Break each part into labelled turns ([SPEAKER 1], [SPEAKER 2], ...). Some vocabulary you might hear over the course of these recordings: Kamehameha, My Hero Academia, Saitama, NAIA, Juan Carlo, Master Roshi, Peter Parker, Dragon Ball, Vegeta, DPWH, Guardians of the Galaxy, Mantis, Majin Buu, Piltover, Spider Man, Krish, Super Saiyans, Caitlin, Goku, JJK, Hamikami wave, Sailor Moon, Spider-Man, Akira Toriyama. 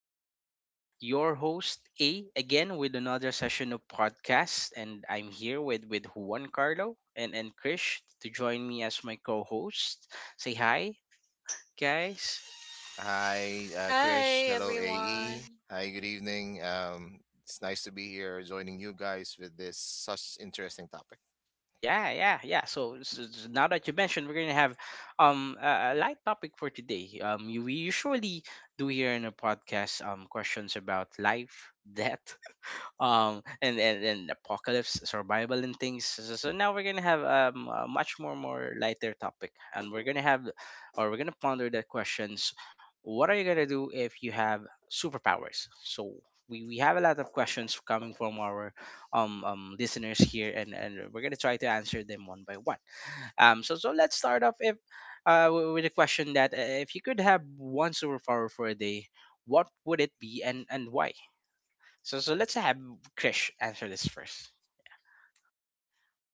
[SPEAKER 1] I'm here, your host A, again with another session of podcast, and I'm here with Juan Carlo and Krish to join me as my co-host. Say hi, guys.
[SPEAKER 2] Hi, Krish.
[SPEAKER 3] Hi
[SPEAKER 2] Hello, AE.
[SPEAKER 3] everyone.
[SPEAKER 2] Hi, good evening. It's nice to be here joining you guys with this such interesting topic.
[SPEAKER 1] Yeah, yeah, yeah. Now that you mentioned, we're gonna have a light topic for today. You, we usually do here in a podcast questions about life, death, and apocalypse survival and things so so now we're gonna have a much more lighter topic and we're gonna have or we're gonna ponder the questions what are you gonna do if you have superpowers so we have a lot of questions coming from our listeners here and we're gonna try to answer them one by one so let's start off if w- with a question that if you could have one superpower for a day, what would it be and why, so so let's have Krish answer this first.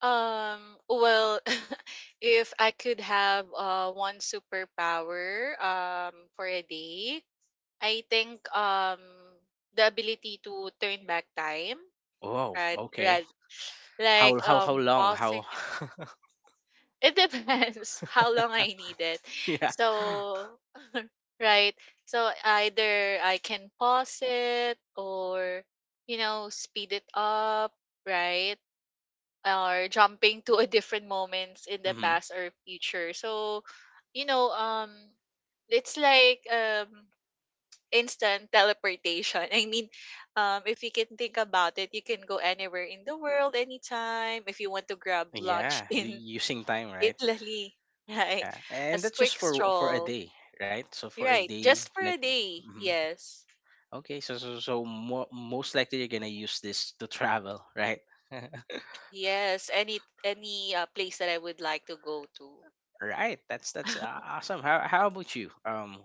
[SPEAKER 3] Well, if I could have one superpower for a day, I think the ability to turn back time,
[SPEAKER 1] Oh,
[SPEAKER 3] right?
[SPEAKER 1] okay.
[SPEAKER 3] Right. Like
[SPEAKER 1] How long?
[SPEAKER 3] pausing
[SPEAKER 1] How?
[SPEAKER 3] it depends how long I need it.
[SPEAKER 1] Yeah.
[SPEAKER 3] So right. So either I can pause it or you know speed it up, right? Or jumping to a different moments in the
[SPEAKER 1] Hmm.
[SPEAKER 3] past or future. So, you know, um, it's like instant teleportation. I mean, if you can think about it, you can go anywhere in the world anytime. If you want to grab lunch
[SPEAKER 1] Yeah.
[SPEAKER 3] in
[SPEAKER 1] Using time, right?
[SPEAKER 3] Italy, right?
[SPEAKER 1] Yeah.
[SPEAKER 3] A
[SPEAKER 1] And that's just
[SPEAKER 3] quick
[SPEAKER 1] for a
[SPEAKER 3] stroll,
[SPEAKER 1] day, right? So for a
[SPEAKER 3] right?
[SPEAKER 1] day,
[SPEAKER 3] Just for
[SPEAKER 1] like.
[SPEAKER 3] a day,
[SPEAKER 1] Mhm.
[SPEAKER 3] yes,
[SPEAKER 1] Okay, so most likely you're gonna use this to travel, right?
[SPEAKER 3] yes. Any place that I would like to go to,
[SPEAKER 1] Right. That's awesome. How about you,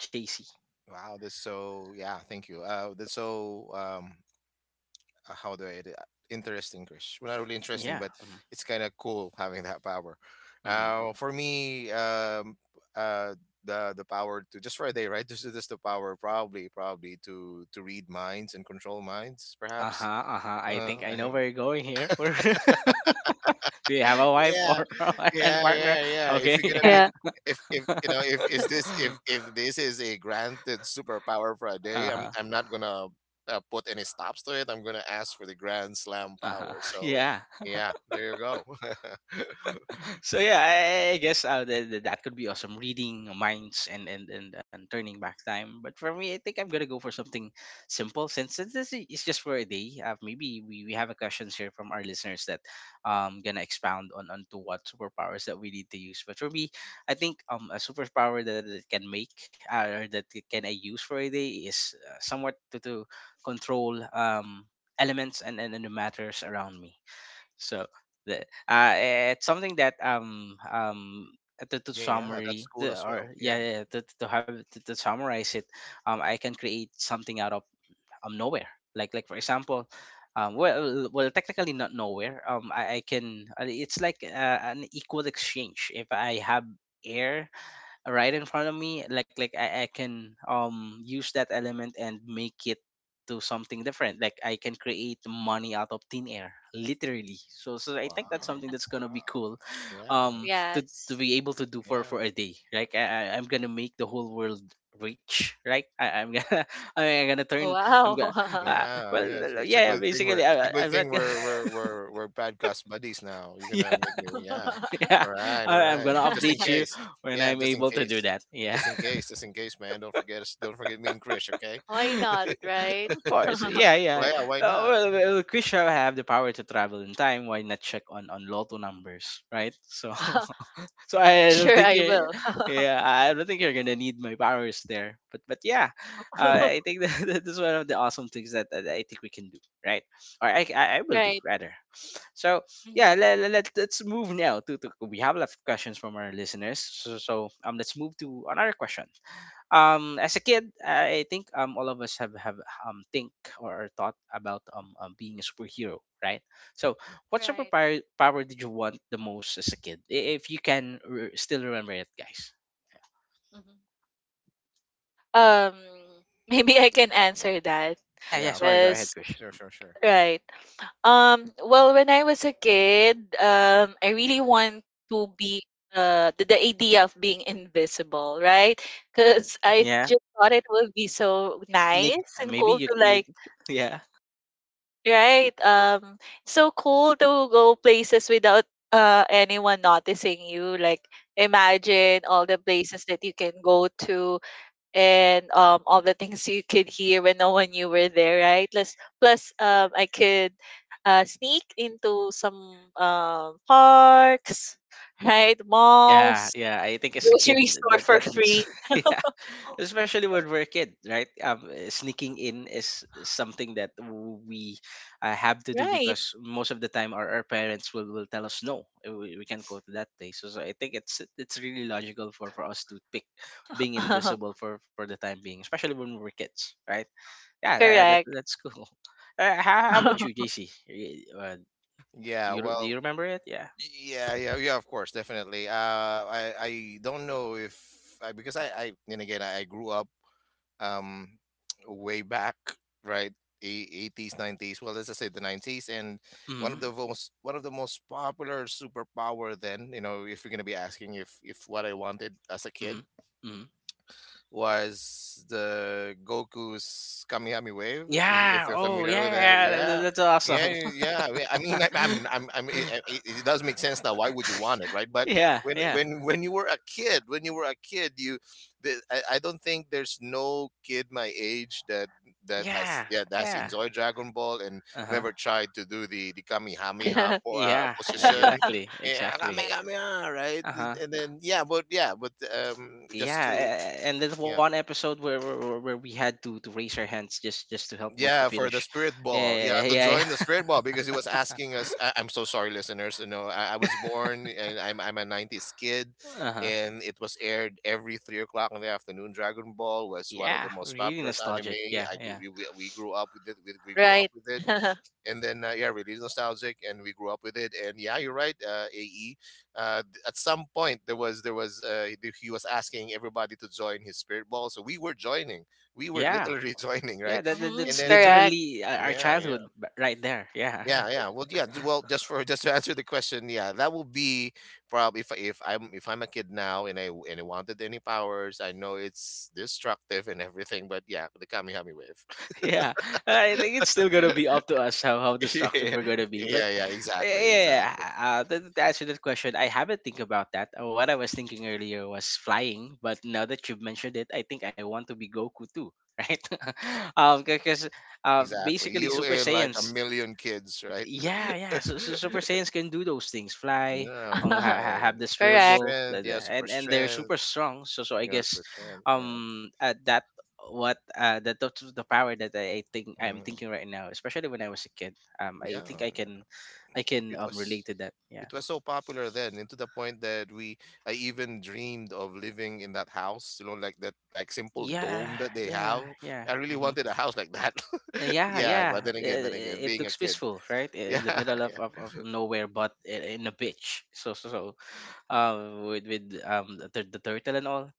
[SPEAKER 1] Chasey?
[SPEAKER 2] Wow, yeah, thank you. That's so, how do I, edit- interesting, Krish. Well, not really interesting,
[SPEAKER 1] Yeah.
[SPEAKER 2] but it's kind of cool having that power.
[SPEAKER 1] Mm-hmm.
[SPEAKER 2] For me, uh, the power to just for a day, right? This is just the power, probably, probably to read minds and control minds,
[SPEAKER 1] Uh
[SPEAKER 2] perhaps.
[SPEAKER 1] huh. Uh huh. I think I
[SPEAKER 2] I
[SPEAKER 1] know
[SPEAKER 2] think.
[SPEAKER 1] where you're going here. Do you have a wife,
[SPEAKER 2] Yeah,
[SPEAKER 1] or, or a
[SPEAKER 2] yeah,
[SPEAKER 1] partner?
[SPEAKER 2] yeah, yeah, if
[SPEAKER 1] Okay.
[SPEAKER 2] you're gonna
[SPEAKER 1] Yeah.
[SPEAKER 2] be
[SPEAKER 3] Yeah.
[SPEAKER 2] if you
[SPEAKER 1] Uh
[SPEAKER 2] know if is this if this is a granted superpower for a day,
[SPEAKER 1] huh.
[SPEAKER 2] I'm not gonna put any stops to it. I'm gonna ask for the grand slam
[SPEAKER 1] Uh huh.
[SPEAKER 2] power, so
[SPEAKER 1] Yeah.
[SPEAKER 2] yeah, there you go.
[SPEAKER 1] So yeah, I guess that could be awesome. Reading minds and and turning back time. But for me, I think I'm gonna go for something simple since this is just for a day. Maybe we have a questions here from our listeners that gonna expound on onto what superpowers that we need to use. But for me, I think a superpower that can make or that it can I use for a day is somewhat to control elements and the matters around me so the uh it's something that to
[SPEAKER 2] Hey, yeah, that's
[SPEAKER 1] summary
[SPEAKER 2] cool
[SPEAKER 1] the,
[SPEAKER 2] as well.
[SPEAKER 1] or
[SPEAKER 2] Yeah,
[SPEAKER 1] yeah, yeah to have to summarize it, I can create something out of nowhere, like for example, well technically not nowhere. Um, I can it's like an equal exchange. If I have air right in front of me, like I can use that element and make it to something different. Like I can create money out of thin air, literally. So so I think that's
[SPEAKER 2] wow,
[SPEAKER 1] something that's gonna
[SPEAKER 2] wow,
[SPEAKER 1] be cool
[SPEAKER 2] yeah,
[SPEAKER 1] um to
[SPEAKER 3] Yes.
[SPEAKER 1] be able to do for
[SPEAKER 2] yeah.
[SPEAKER 1] a day. Like I, I'm gonna make the whole world rich, right? I'm gonna I mean, I'm gonna turn, I'm gonna
[SPEAKER 3] Wow.
[SPEAKER 2] Yeah,
[SPEAKER 1] well,
[SPEAKER 2] yeah. It's a
[SPEAKER 1] yeah,
[SPEAKER 2] good thing
[SPEAKER 1] basically I, I'm not gonna
[SPEAKER 2] we're we're we're we're bad guys buddies now. You're
[SPEAKER 1] yeah
[SPEAKER 2] gonna make me, yeah.
[SPEAKER 1] yeah
[SPEAKER 2] All right, all
[SPEAKER 1] I'm
[SPEAKER 2] right.
[SPEAKER 1] gonna
[SPEAKER 2] But just in
[SPEAKER 1] update you
[SPEAKER 2] case.
[SPEAKER 1] when
[SPEAKER 2] Yeah,
[SPEAKER 1] I'm
[SPEAKER 2] just in
[SPEAKER 1] able to do
[SPEAKER 2] case.
[SPEAKER 1] that, yeah.
[SPEAKER 2] Just in case, just in case, man. Don't forget me and Krish, okay?
[SPEAKER 3] Why not, right?
[SPEAKER 1] Of course, yeah,
[SPEAKER 2] Well,
[SPEAKER 1] yeah, yeah.
[SPEAKER 2] yeah, why
[SPEAKER 1] Uh,
[SPEAKER 2] not?
[SPEAKER 1] well, well, we shall have the power to travel in time. Why not check on lotto numbers, right? So, so I don't
[SPEAKER 3] Sure,
[SPEAKER 1] think
[SPEAKER 3] I will.
[SPEAKER 1] yeah, I don't think you're gonna need my powers there. But yeah, I think that, that is one of the awesome things that, that I think we can do, right? Or I will do
[SPEAKER 3] Right.
[SPEAKER 1] rather. So, yeah,
[SPEAKER 3] Mhm.
[SPEAKER 1] let's move now to we have a lot of questions from our listeners. So, let's move to another question. As a kid I think all of us have think or thought about being a superhero, right? So what
[SPEAKER 3] Right.
[SPEAKER 1] superpower power did you want the most as a kid? If you can still remember it, guys.
[SPEAKER 3] Mhm. Um, maybe I can answer that.
[SPEAKER 1] Yeah, yeah,
[SPEAKER 2] Yeah, okay.
[SPEAKER 1] sorry, go ahead,
[SPEAKER 3] Yes,
[SPEAKER 1] Chris.
[SPEAKER 2] Sure, sure, sure.
[SPEAKER 3] right. Well, when I was a kid, I really want to be the idea of being invisible, right? Because
[SPEAKER 1] Hmm,
[SPEAKER 3] I
[SPEAKER 1] yeah,
[SPEAKER 3] just thought it would be so
[SPEAKER 1] sneak,
[SPEAKER 3] nice and
[SPEAKER 1] maybe
[SPEAKER 3] cool
[SPEAKER 1] you,
[SPEAKER 3] to
[SPEAKER 1] you
[SPEAKER 3] like
[SPEAKER 1] yeah.
[SPEAKER 3] right. So cool to go places without anyone noticing you. Like imagine all the places that you can go to and all the things you could hear when no one knew were there, right? Plus I could sneak into some parks, right?
[SPEAKER 1] Yeah,
[SPEAKER 3] Malls,
[SPEAKER 1] yeah. I think as a kid,
[SPEAKER 3] grocery store for free.
[SPEAKER 1] that's yeah, especially when we're a kid, right? Sneaking in is something that we have to do
[SPEAKER 3] Right.
[SPEAKER 1] because most of the time our parents will tell us no, uh, we can't go to that place. So, so I think it's really logical for us to pick being invisible for the time being, especially when we're kids, right? Yeah, that
[SPEAKER 3] Correct.
[SPEAKER 1] that's cool. How about you, JC? Uh, do
[SPEAKER 2] Yeah,
[SPEAKER 1] you do you
[SPEAKER 2] well,
[SPEAKER 1] remember it? Yeah.
[SPEAKER 2] yeah, yeah, yeah, of course, definitely. I don't know if I, because I and again, I grew up, um, way back, right? 80s, 90s. Well, let's just say the 90s, and
[SPEAKER 1] Mm-hmm.
[SPEAKER 2] one of the most popular superpower then. You know, if you're gonna be asking if what I wanted as a kid,
[SPEAKER 1] Mm-hmm. Mm-hmm.
[SPEAKER 2] was the Goku's Kamihami Wave. If
[SPEAKER 1] Yeah.
[SPEAKER 2] you're
[SPEAKER 1] Oh,
[SPEAKER 2] familiar with that,
[SPEAKER 1] yeah.
[SPEAKER 2] yeah,
[SPEAKER 1] That's
[SPEAKER 2] yeah,
[SPEAKER 1] awesome.
[SPEAKER 2] yeah, yeah. I mean, I'm. It does make sense now. Why would you want it, right? But
[SPEAKER 1] Yeah. Yeah.
[SPEAKER 2] when you were a kid, I don't think there's no kid my age that that
[SPEAKER 1] Yeah.
[SPEAKER 2] has yeah that has
[SPEAKER 1] Yeah.
[SPEAKER 2] enjoyed Dragon Ball and
[SPEAKER 1] Uh huh.
[SPEAKER 2] never tried to do the Kamihamiha
[SPEAKER 1] Yeah.
[SPEAKER 2] position.
[SPEAKER 1] Exactly.
[SPEAKER 2] Yeah,
[SPEAKER 1] Exactly.
[SPEAKER 2] Kamihamiha, right?
[SPEAKER 1] Uh huh.
[SPEAKER 2] And then yeah, but just
[SPEAKER 1] Yeah.
[SPEAKER 2] to.
[SPEAKER 1] And there's
[SPEAKER 2] Yeah,
[SPEAKER 1] one episode where we had to raise our hands just to help Goku
[SPEAKER 2] yeah, for the
[SPEAKER 1] finish.
[SPEAKER 2] spirit ball. Yeah,
[SPEAKER 1] Yeah.
[SPEAKER 2] to
[SPEAKER 1] Yeah. Yeah.
[SPEAKER 2] join the spirit ball because he was asking us. I'm so sorry, listeners. You know, I was born and I'm a '90s kid,
[SPEAKER 1] Uh huh.
[SPEAKER 2] and it was aired every 3 o'clock in the afternoon. Dragon Ball was one of the
[SPEAKER 1] Yeah.
[SPEAKER 2] most
[SPEAKER 1] Really
[SPEAKER 2] popular anime.
[SPEAKER 1] nostalgic. Yeah.
[SPEAKER 2] I grew
[SPEAKER 1] Yeah.
[SPEAKER 2] We grew up with it. We grew up
[SPEAKER 3] Right.
[SPEAKER 2] with it, and then yeah, really nostalgic, and we grew up with it. And yeah, you're right, AE. At some point, he was asking everybody to join his spirit ball, so we were joining. We were
[SPEAKER 1] Yeah.
[SPEAKER 2] literally joining,
[SPEAKER 1] Yeah.
[SPEAKER 2] right?
[SPEAKER 1] That, that
[SPEAKER 3] Mhm,
[SPEAKER 2] And
[SPEAKER 1] that's
[SPEAKER 2] then
[SPEAKER 3] correct.
[SPEAKER 1] literally our
[SPEAKER 2] yeah, yeah,
[SPEAKER 1] childhood right there. Yeah.
[SPEAKER 2] yeah, yeah. Well, yeah. Well, just to answer the question, yeah, that will be probably if I'm a kid now and I wanted any powers. I know it's destructive and everything, but yeah, the Kamihami wave.
[SPEAKER 1] Yeah, I think it's still gonna be up to us how destructive
[SPEAKER 2] Yeah,
[SPEAKER 1] we're gonna be. But
[SPEAKER 2] yeah, yeah,
[SPEAKER 1] uh,
[SPEAKER 2] exactly,
[SPEAKER 1] yeah,
[SPEAKER 2] exactly.
[SPEAKER 1] to answer that question, I haven't think about that. What I was thinking earlier was flying, but now that you've mentioned it, I think I want to be Goku too, right? Because
[SPEAKER 2] Exactly.
[SPEAKER 1] basically
[SPEAKER 2] You
[SPEAKER 1] Super
[SPEAKER 2] and like a
[SPEAKER 1] Saiyans.
[SPEAKER 2] million kids, right?
[SPEAKER 1] Yeah, yeah. So, so Super Saiyans can do those things: fly,
[SPEAKER 2] Yeah,
[SPEAKER 1] have
[SPEAKER 2] fly.
[SPEAKER 1] the
[SPEAKER 2] Super
[SPEAKER 1] spirit
[SPEAKER 3] Correct.
[SPEAKER 1] ball,
[SPEAKER 2] strength. Yeah, super
[SPEAKER 1] and they're super
[SPEAKER 2] strength.
[SPEAKER 1] strong. So, so I
[SPEAKER 2] You know,
[SPEAKER 1] guess,
[SPEAKER 2] super strength. Yeah.
[SPEAKER 1] um, uh, that that's the power that I think I'm
[SPEAKER 2] Mm,
[SPEAKER 1] thinking right now, especially when I was a kid. I think
[SPEAKER 2] yeah.
[SPEAKER 1] I can
[SPEAKER 2] It was
[SPEAKER 1] relate to that.
[SPEAKER 2] it
[SPEAKER 1] Yeah,
[SPEAKER 2] was so popular then, and to the point that we I even dreamed of living in that house, like that like simple
[SPEAKER 1] yeah,
[SPEAKER 2] dome that they
[SPEAKER 1] yeah,
[SPEAKER 2] have.
[SPEAKER 1] yeah.
[SPEAKER 2] I really
[SPEAKER 1] Mm-hmm.
[SPEAKER 2] wanted a house like that.
[SPEAKER 1] Yeah,
[SPEAKER 2] Yeah, but
[SPEAKER 1] yeah.
[SPEAKER 2] then again,
[SPEAKER 1] It
[SPEAKER 2] being a
[SPEAKER 1] looks
[SPEAKER 2] kid.
[SPEAKER 1] peaceful, right? In
[SPEAKER 2] Yeah,
[SPEAKER 1] the middle
[SPEAKER 2] yeah.
[SPEAKER 1] of nowhere, but in a beach. So, so, so with the, the turtle and all.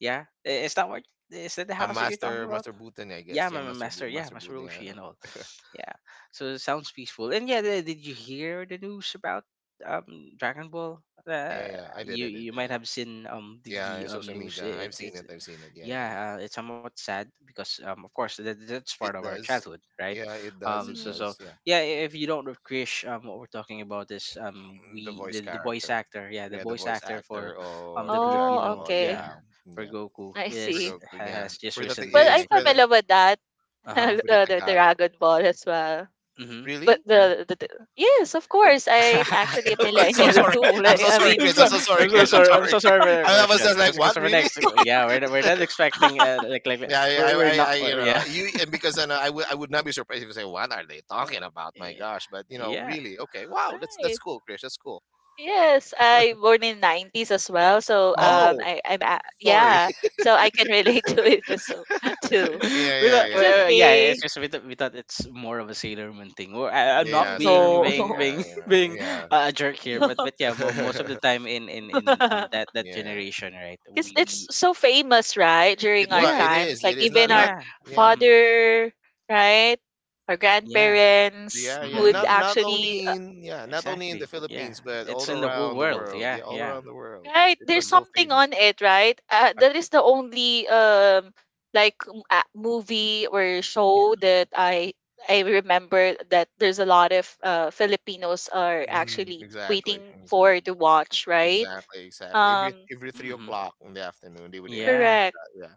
[SPEAKER 1] Yeah, is that what, is that the
[SPEAKER 2] Yeah,
[SPEAKER 1] house that you're talking
[SPEAKER 2] Master
[SPEAKER 1] about?
[SPEAKER 2] Master Booten, I
[SPEAKER 1] Yeah,
[SPEAKER 2] guess. Yeah,
[SPEAKER 1] yeah,
[SPEAKER 2] Master
[SPEAKER 1] Master
[SPEAKER 2] Booten,
[SPEAKER 1] Roshi and all.
[SPEAKER 2] yeah.
[SPEAKER 1] Yeah, so it sounds peaceful. And yeah, the, did you hear the news about Dragon Ball?
[SPEAKER 2] Yeah,
[SPEAKER 1] Uh,
[SPEAKER 2] yeah, yeah. I did,
[SPEAKER 1] you
[SPEAKER 2] I did,
[SPEAKER 1] you
[SPEAKER 2] I
[SPEAKER 1] might
[SPEAKER 2] did.
[SPEAKER 1] have seen the
[SPEAKER 2] Yeah, in social
[SPEAKER 1] news.
[SPEAKER 2] media. I've
[SPEAKER 1] It's
[SPEAKER 2] seen
[SPEAKER 1] it's
[SPEAKER 2] it, I've seen it. Yeah, yeah,
[SPEAKER 1] yeah, it's somewhat sad because of course that, that's part
[SPEAKER 2] yeah.
[SPEAKER 1] of
[SPEAKER 2] It
[SPEAKER 1] our
[SPEAKER 2] does.
[SPEAKER 1] childhood, right?
[SPEAKER 2] Yeah, it does, it
[SPEAKER 3] Mhm.
[SPEAKER 1] So
[SPEAKER 2] does. Yeah.
[SPEAKER 1] yeah, if you don't know Krish, what we're talking about is
[SPEAKER 2] Mm, the voice
[SPEAKER 1] the voice
[SPEAKER 2] character.
[SPEAKER 1] actor, yeah, the
[SPEAKER 2] Yeah, the
[SPEAKER 1] voice
[SPEAKER 2] voice
[SPEAKER 1] actor for
[SPEAKER 2] actor or
[SPEAKER 1] the
[SPEAKER 2] for Dragon
[SPEAKER 3] Oh,
[SPEAKER 1] Filipino,
[SPEAKER 2] Ball.
[SPEAKER 3] okay.
[SPEAKER 1] yeah,
[SPEAKER 2] Yeah.
[SPEAKER 1] for
[SPEAKER 2] Yeah.
[SPEAKER 1] Goku
[SPEAKER 3] I
[SPEAKER 2] For
[SPEAKER 3] see.
[SPEAKER 2] Goku, yeah.
[SPEAKER 1] has just recently
[SPEAKER 3] Well,
[SPEAKER 2] It's
[SPEAKER 3] I'm
[SPEAKER 1] died,
[SPEAKER 2] for
[SPEAKER 1] yeah.
[SPEAKER 2] the
[SPEAKER 3] familiar with that,
[SPEAKER 1] Uh-huh.
[SPEAKER 2] for the
[SPEAKER 3] the
[SPEAKER 2] Tagalog.
[SPEAKER 3] Dragon Ball as well.
[SPEAKER 1] Mhm.
[SPEAKER 3] But
[SPEAKER 2] Really?
[SPEAKER 1] Mhm.
[SPEAKER 3] the yes, of course, I'm actually a
[SPEAKER 2] I'm so
[SPEAKER 3] millennial
[SPEAKER 2] sorry.
[SPEAKER 3] too.
[SPEAKER 2] I'm
[SPEAKER 3] Like,
[SPEAKER 2] so
[SPEAKER 3] I
[SPEAKER 2] sorry,
[SPEAKER 3] mean,
[SPEAKER 1] I'm
[SPEAKER 2] Chris. I'm
[SPEAKER 1] so
[SPEAKER 2] so
[SPEAKER 1] I'm
[SPEAKER 2] sorry,
[SPEAKER 1] so
[SPEAKER 2] Chris. I'm
[SPEAKER 1] sorry. I'm so
[SPEAKER 2] sorry.
[SPEAKER 1] sorry for the
[SPEAKER 2] I was
[SPEAKER 1] question.
[SPEAKER 2] just like,
[SPEAKER 1] Cause, 'cause
[SPEAKER 2] what?
[SPEAKER 1] we're
[SPEAKER 2] Really?
[SPEAKER 1] next. Yeah, we're not expecting like
[SPEAKER 2] Yeah,
[SPEAKER 1] we're not. Yeah.
[SPEAKER 2] and because I know I would not be surprised if you say, "What are they talking about?" My
[SPEAKER 1] Yeah.
[SPEAKER 2] gosh, but you know,
[SPEAKER 1] Yeah.
[SPEAKER 2] really, okay, wow, that's
[SPEAKER 3] right.
[SPEAKER 2] cool, Chris. That's cool.
[SPEAKER 3] Yes, I born in 90s as well. So
[SPEAKER 1] Mm-hmm.
[SPEAKER 3] um
[SPEAKER 2] Oh,
[SPEAKER 3] I I'm a
[SPEAKER 2] sorry.
[SPEAKER 3] yeah, so I can relate to it as too.
[SPEAKER 2] Yeah,
[SPEAKER 1] We
[SPEAKER 2] yeah,
[SPEAKER 1] thought,
[SPEAKER 3] It's
[SPEAKER 2] yeah, yeah.
[SPEAKER 1] yeah, it's
[SPEAKER 3] okay.
[SPEAKER 1] just we thought it's more of a Sailor Moon thing. Well, I'm not
[SPEAKER 2] Yeah,
[SPEAKER 3] Mm,
[SPEAKER 1] being
[SPEAKER 2] ceremony.
[SPEAKER 1] being
[SPEAKER 3] no.
[SPEAKER 2] Yeah,
[SPEAKER 1] being being
[SPEAKER 2] yeah,
[SPEAKER 1] a jerk here, but yeah, most of the
[SPEAKER 2] yeah.
[SPEAKER 1] time in that that
[SPEAKER 2] Yeah.
[SPEAKER 1] generation, right?
[SPEAKER 3] Because
[SPEAKER 1] We
[SPEAKER 3] it's so famous, right? During
[SPEAKER 2] It
[SPEAKER 3] our
[SPEAKER 2] was.
[SPEAKER 1] yeah
[SPEAKER 2] It
[SPEAKER 3] times,
[SPEAKER 2] is.
[SPEAKER 3] like
[SPEAKER 2] It is
[SPEAKER 3] even
[SPEAKER 2] not.
[SPEAKER 3] our
[SPEAKER 2] Not.
[SPEAKER 1] yeah
[SPEAKER 2] Yeah.
[SPEAKER 1] mm-hmm,
[SPEAKER 3] father, right? Our
[SPEAKER 1] yeah
[SPEAKER 3] grandparents
[SPEAKER 2] Yeah, yeah.
[SPEAKER 1] mm-hmm,
[SPEAKER 3] would
[SPEAKER 2] Not.
[SPEAKER 1] mm-hmm.
[SPEAKER 2] Not
[SPEAKER 3] actually,
[SPEAKER 2] only in. Yeah. Not only in the
[SPEAKER 1] Exactly. Yeah.
[SPEAKER 2] Philippines, but
[SPEAKER 1] It's
[SPEAKER 2] all
[SPEAKER 1] in the whole
[SPEAKER 2] around the
[SPEAKER 1] world.
[SPEAKER 2] world.
[SPEAKER 1] Yeah.
[SPEAKER 2] Yeah, all
[SPEAKER 1] Yeah.
[SPEAKER 2] around the world.
[SPEAKER 3] right?
[SPEAKER 2] It
[SPEAKER 3] There's
[SPEAKER 2] was
[SPEAKER 1] Hmm.
[SPEAKER 2] so
[SPEAKER 3] something
[SPEAKER 2] famous.
[SPEAKER 3] on it, right?
[SPEAKER 2] Uh,
[SPEAKER 3] That is the only like m- a movie or
[SPEAKER 2] Yeah.
[SPEAKER 3] show that I remember that there's a lot of Filipinos are
[SPEAKER 2] Mm,
[SPEAKER 3] actually
[SPEAKER 2] exactly.
[SPEAKER 3] waiting for
[SPEAKER 2] Exactly.
[SPEAKER 3] to watch, right?
[SPEAKER 2] Exactly. Exactly. Every
[SPEAKER 3] Um,
[SPEAKER 2] every
[SPEAKER 1] Hmm.
[SPEAKER 2] three
[SPEAKER 1] Hmm.
[SPEAKER 2] o'clock in the afternoon, they would air it.
[SPEAKER 1] Yeah.
[SPEAKER 3] correct.
[SPEAKER 2] Yeah.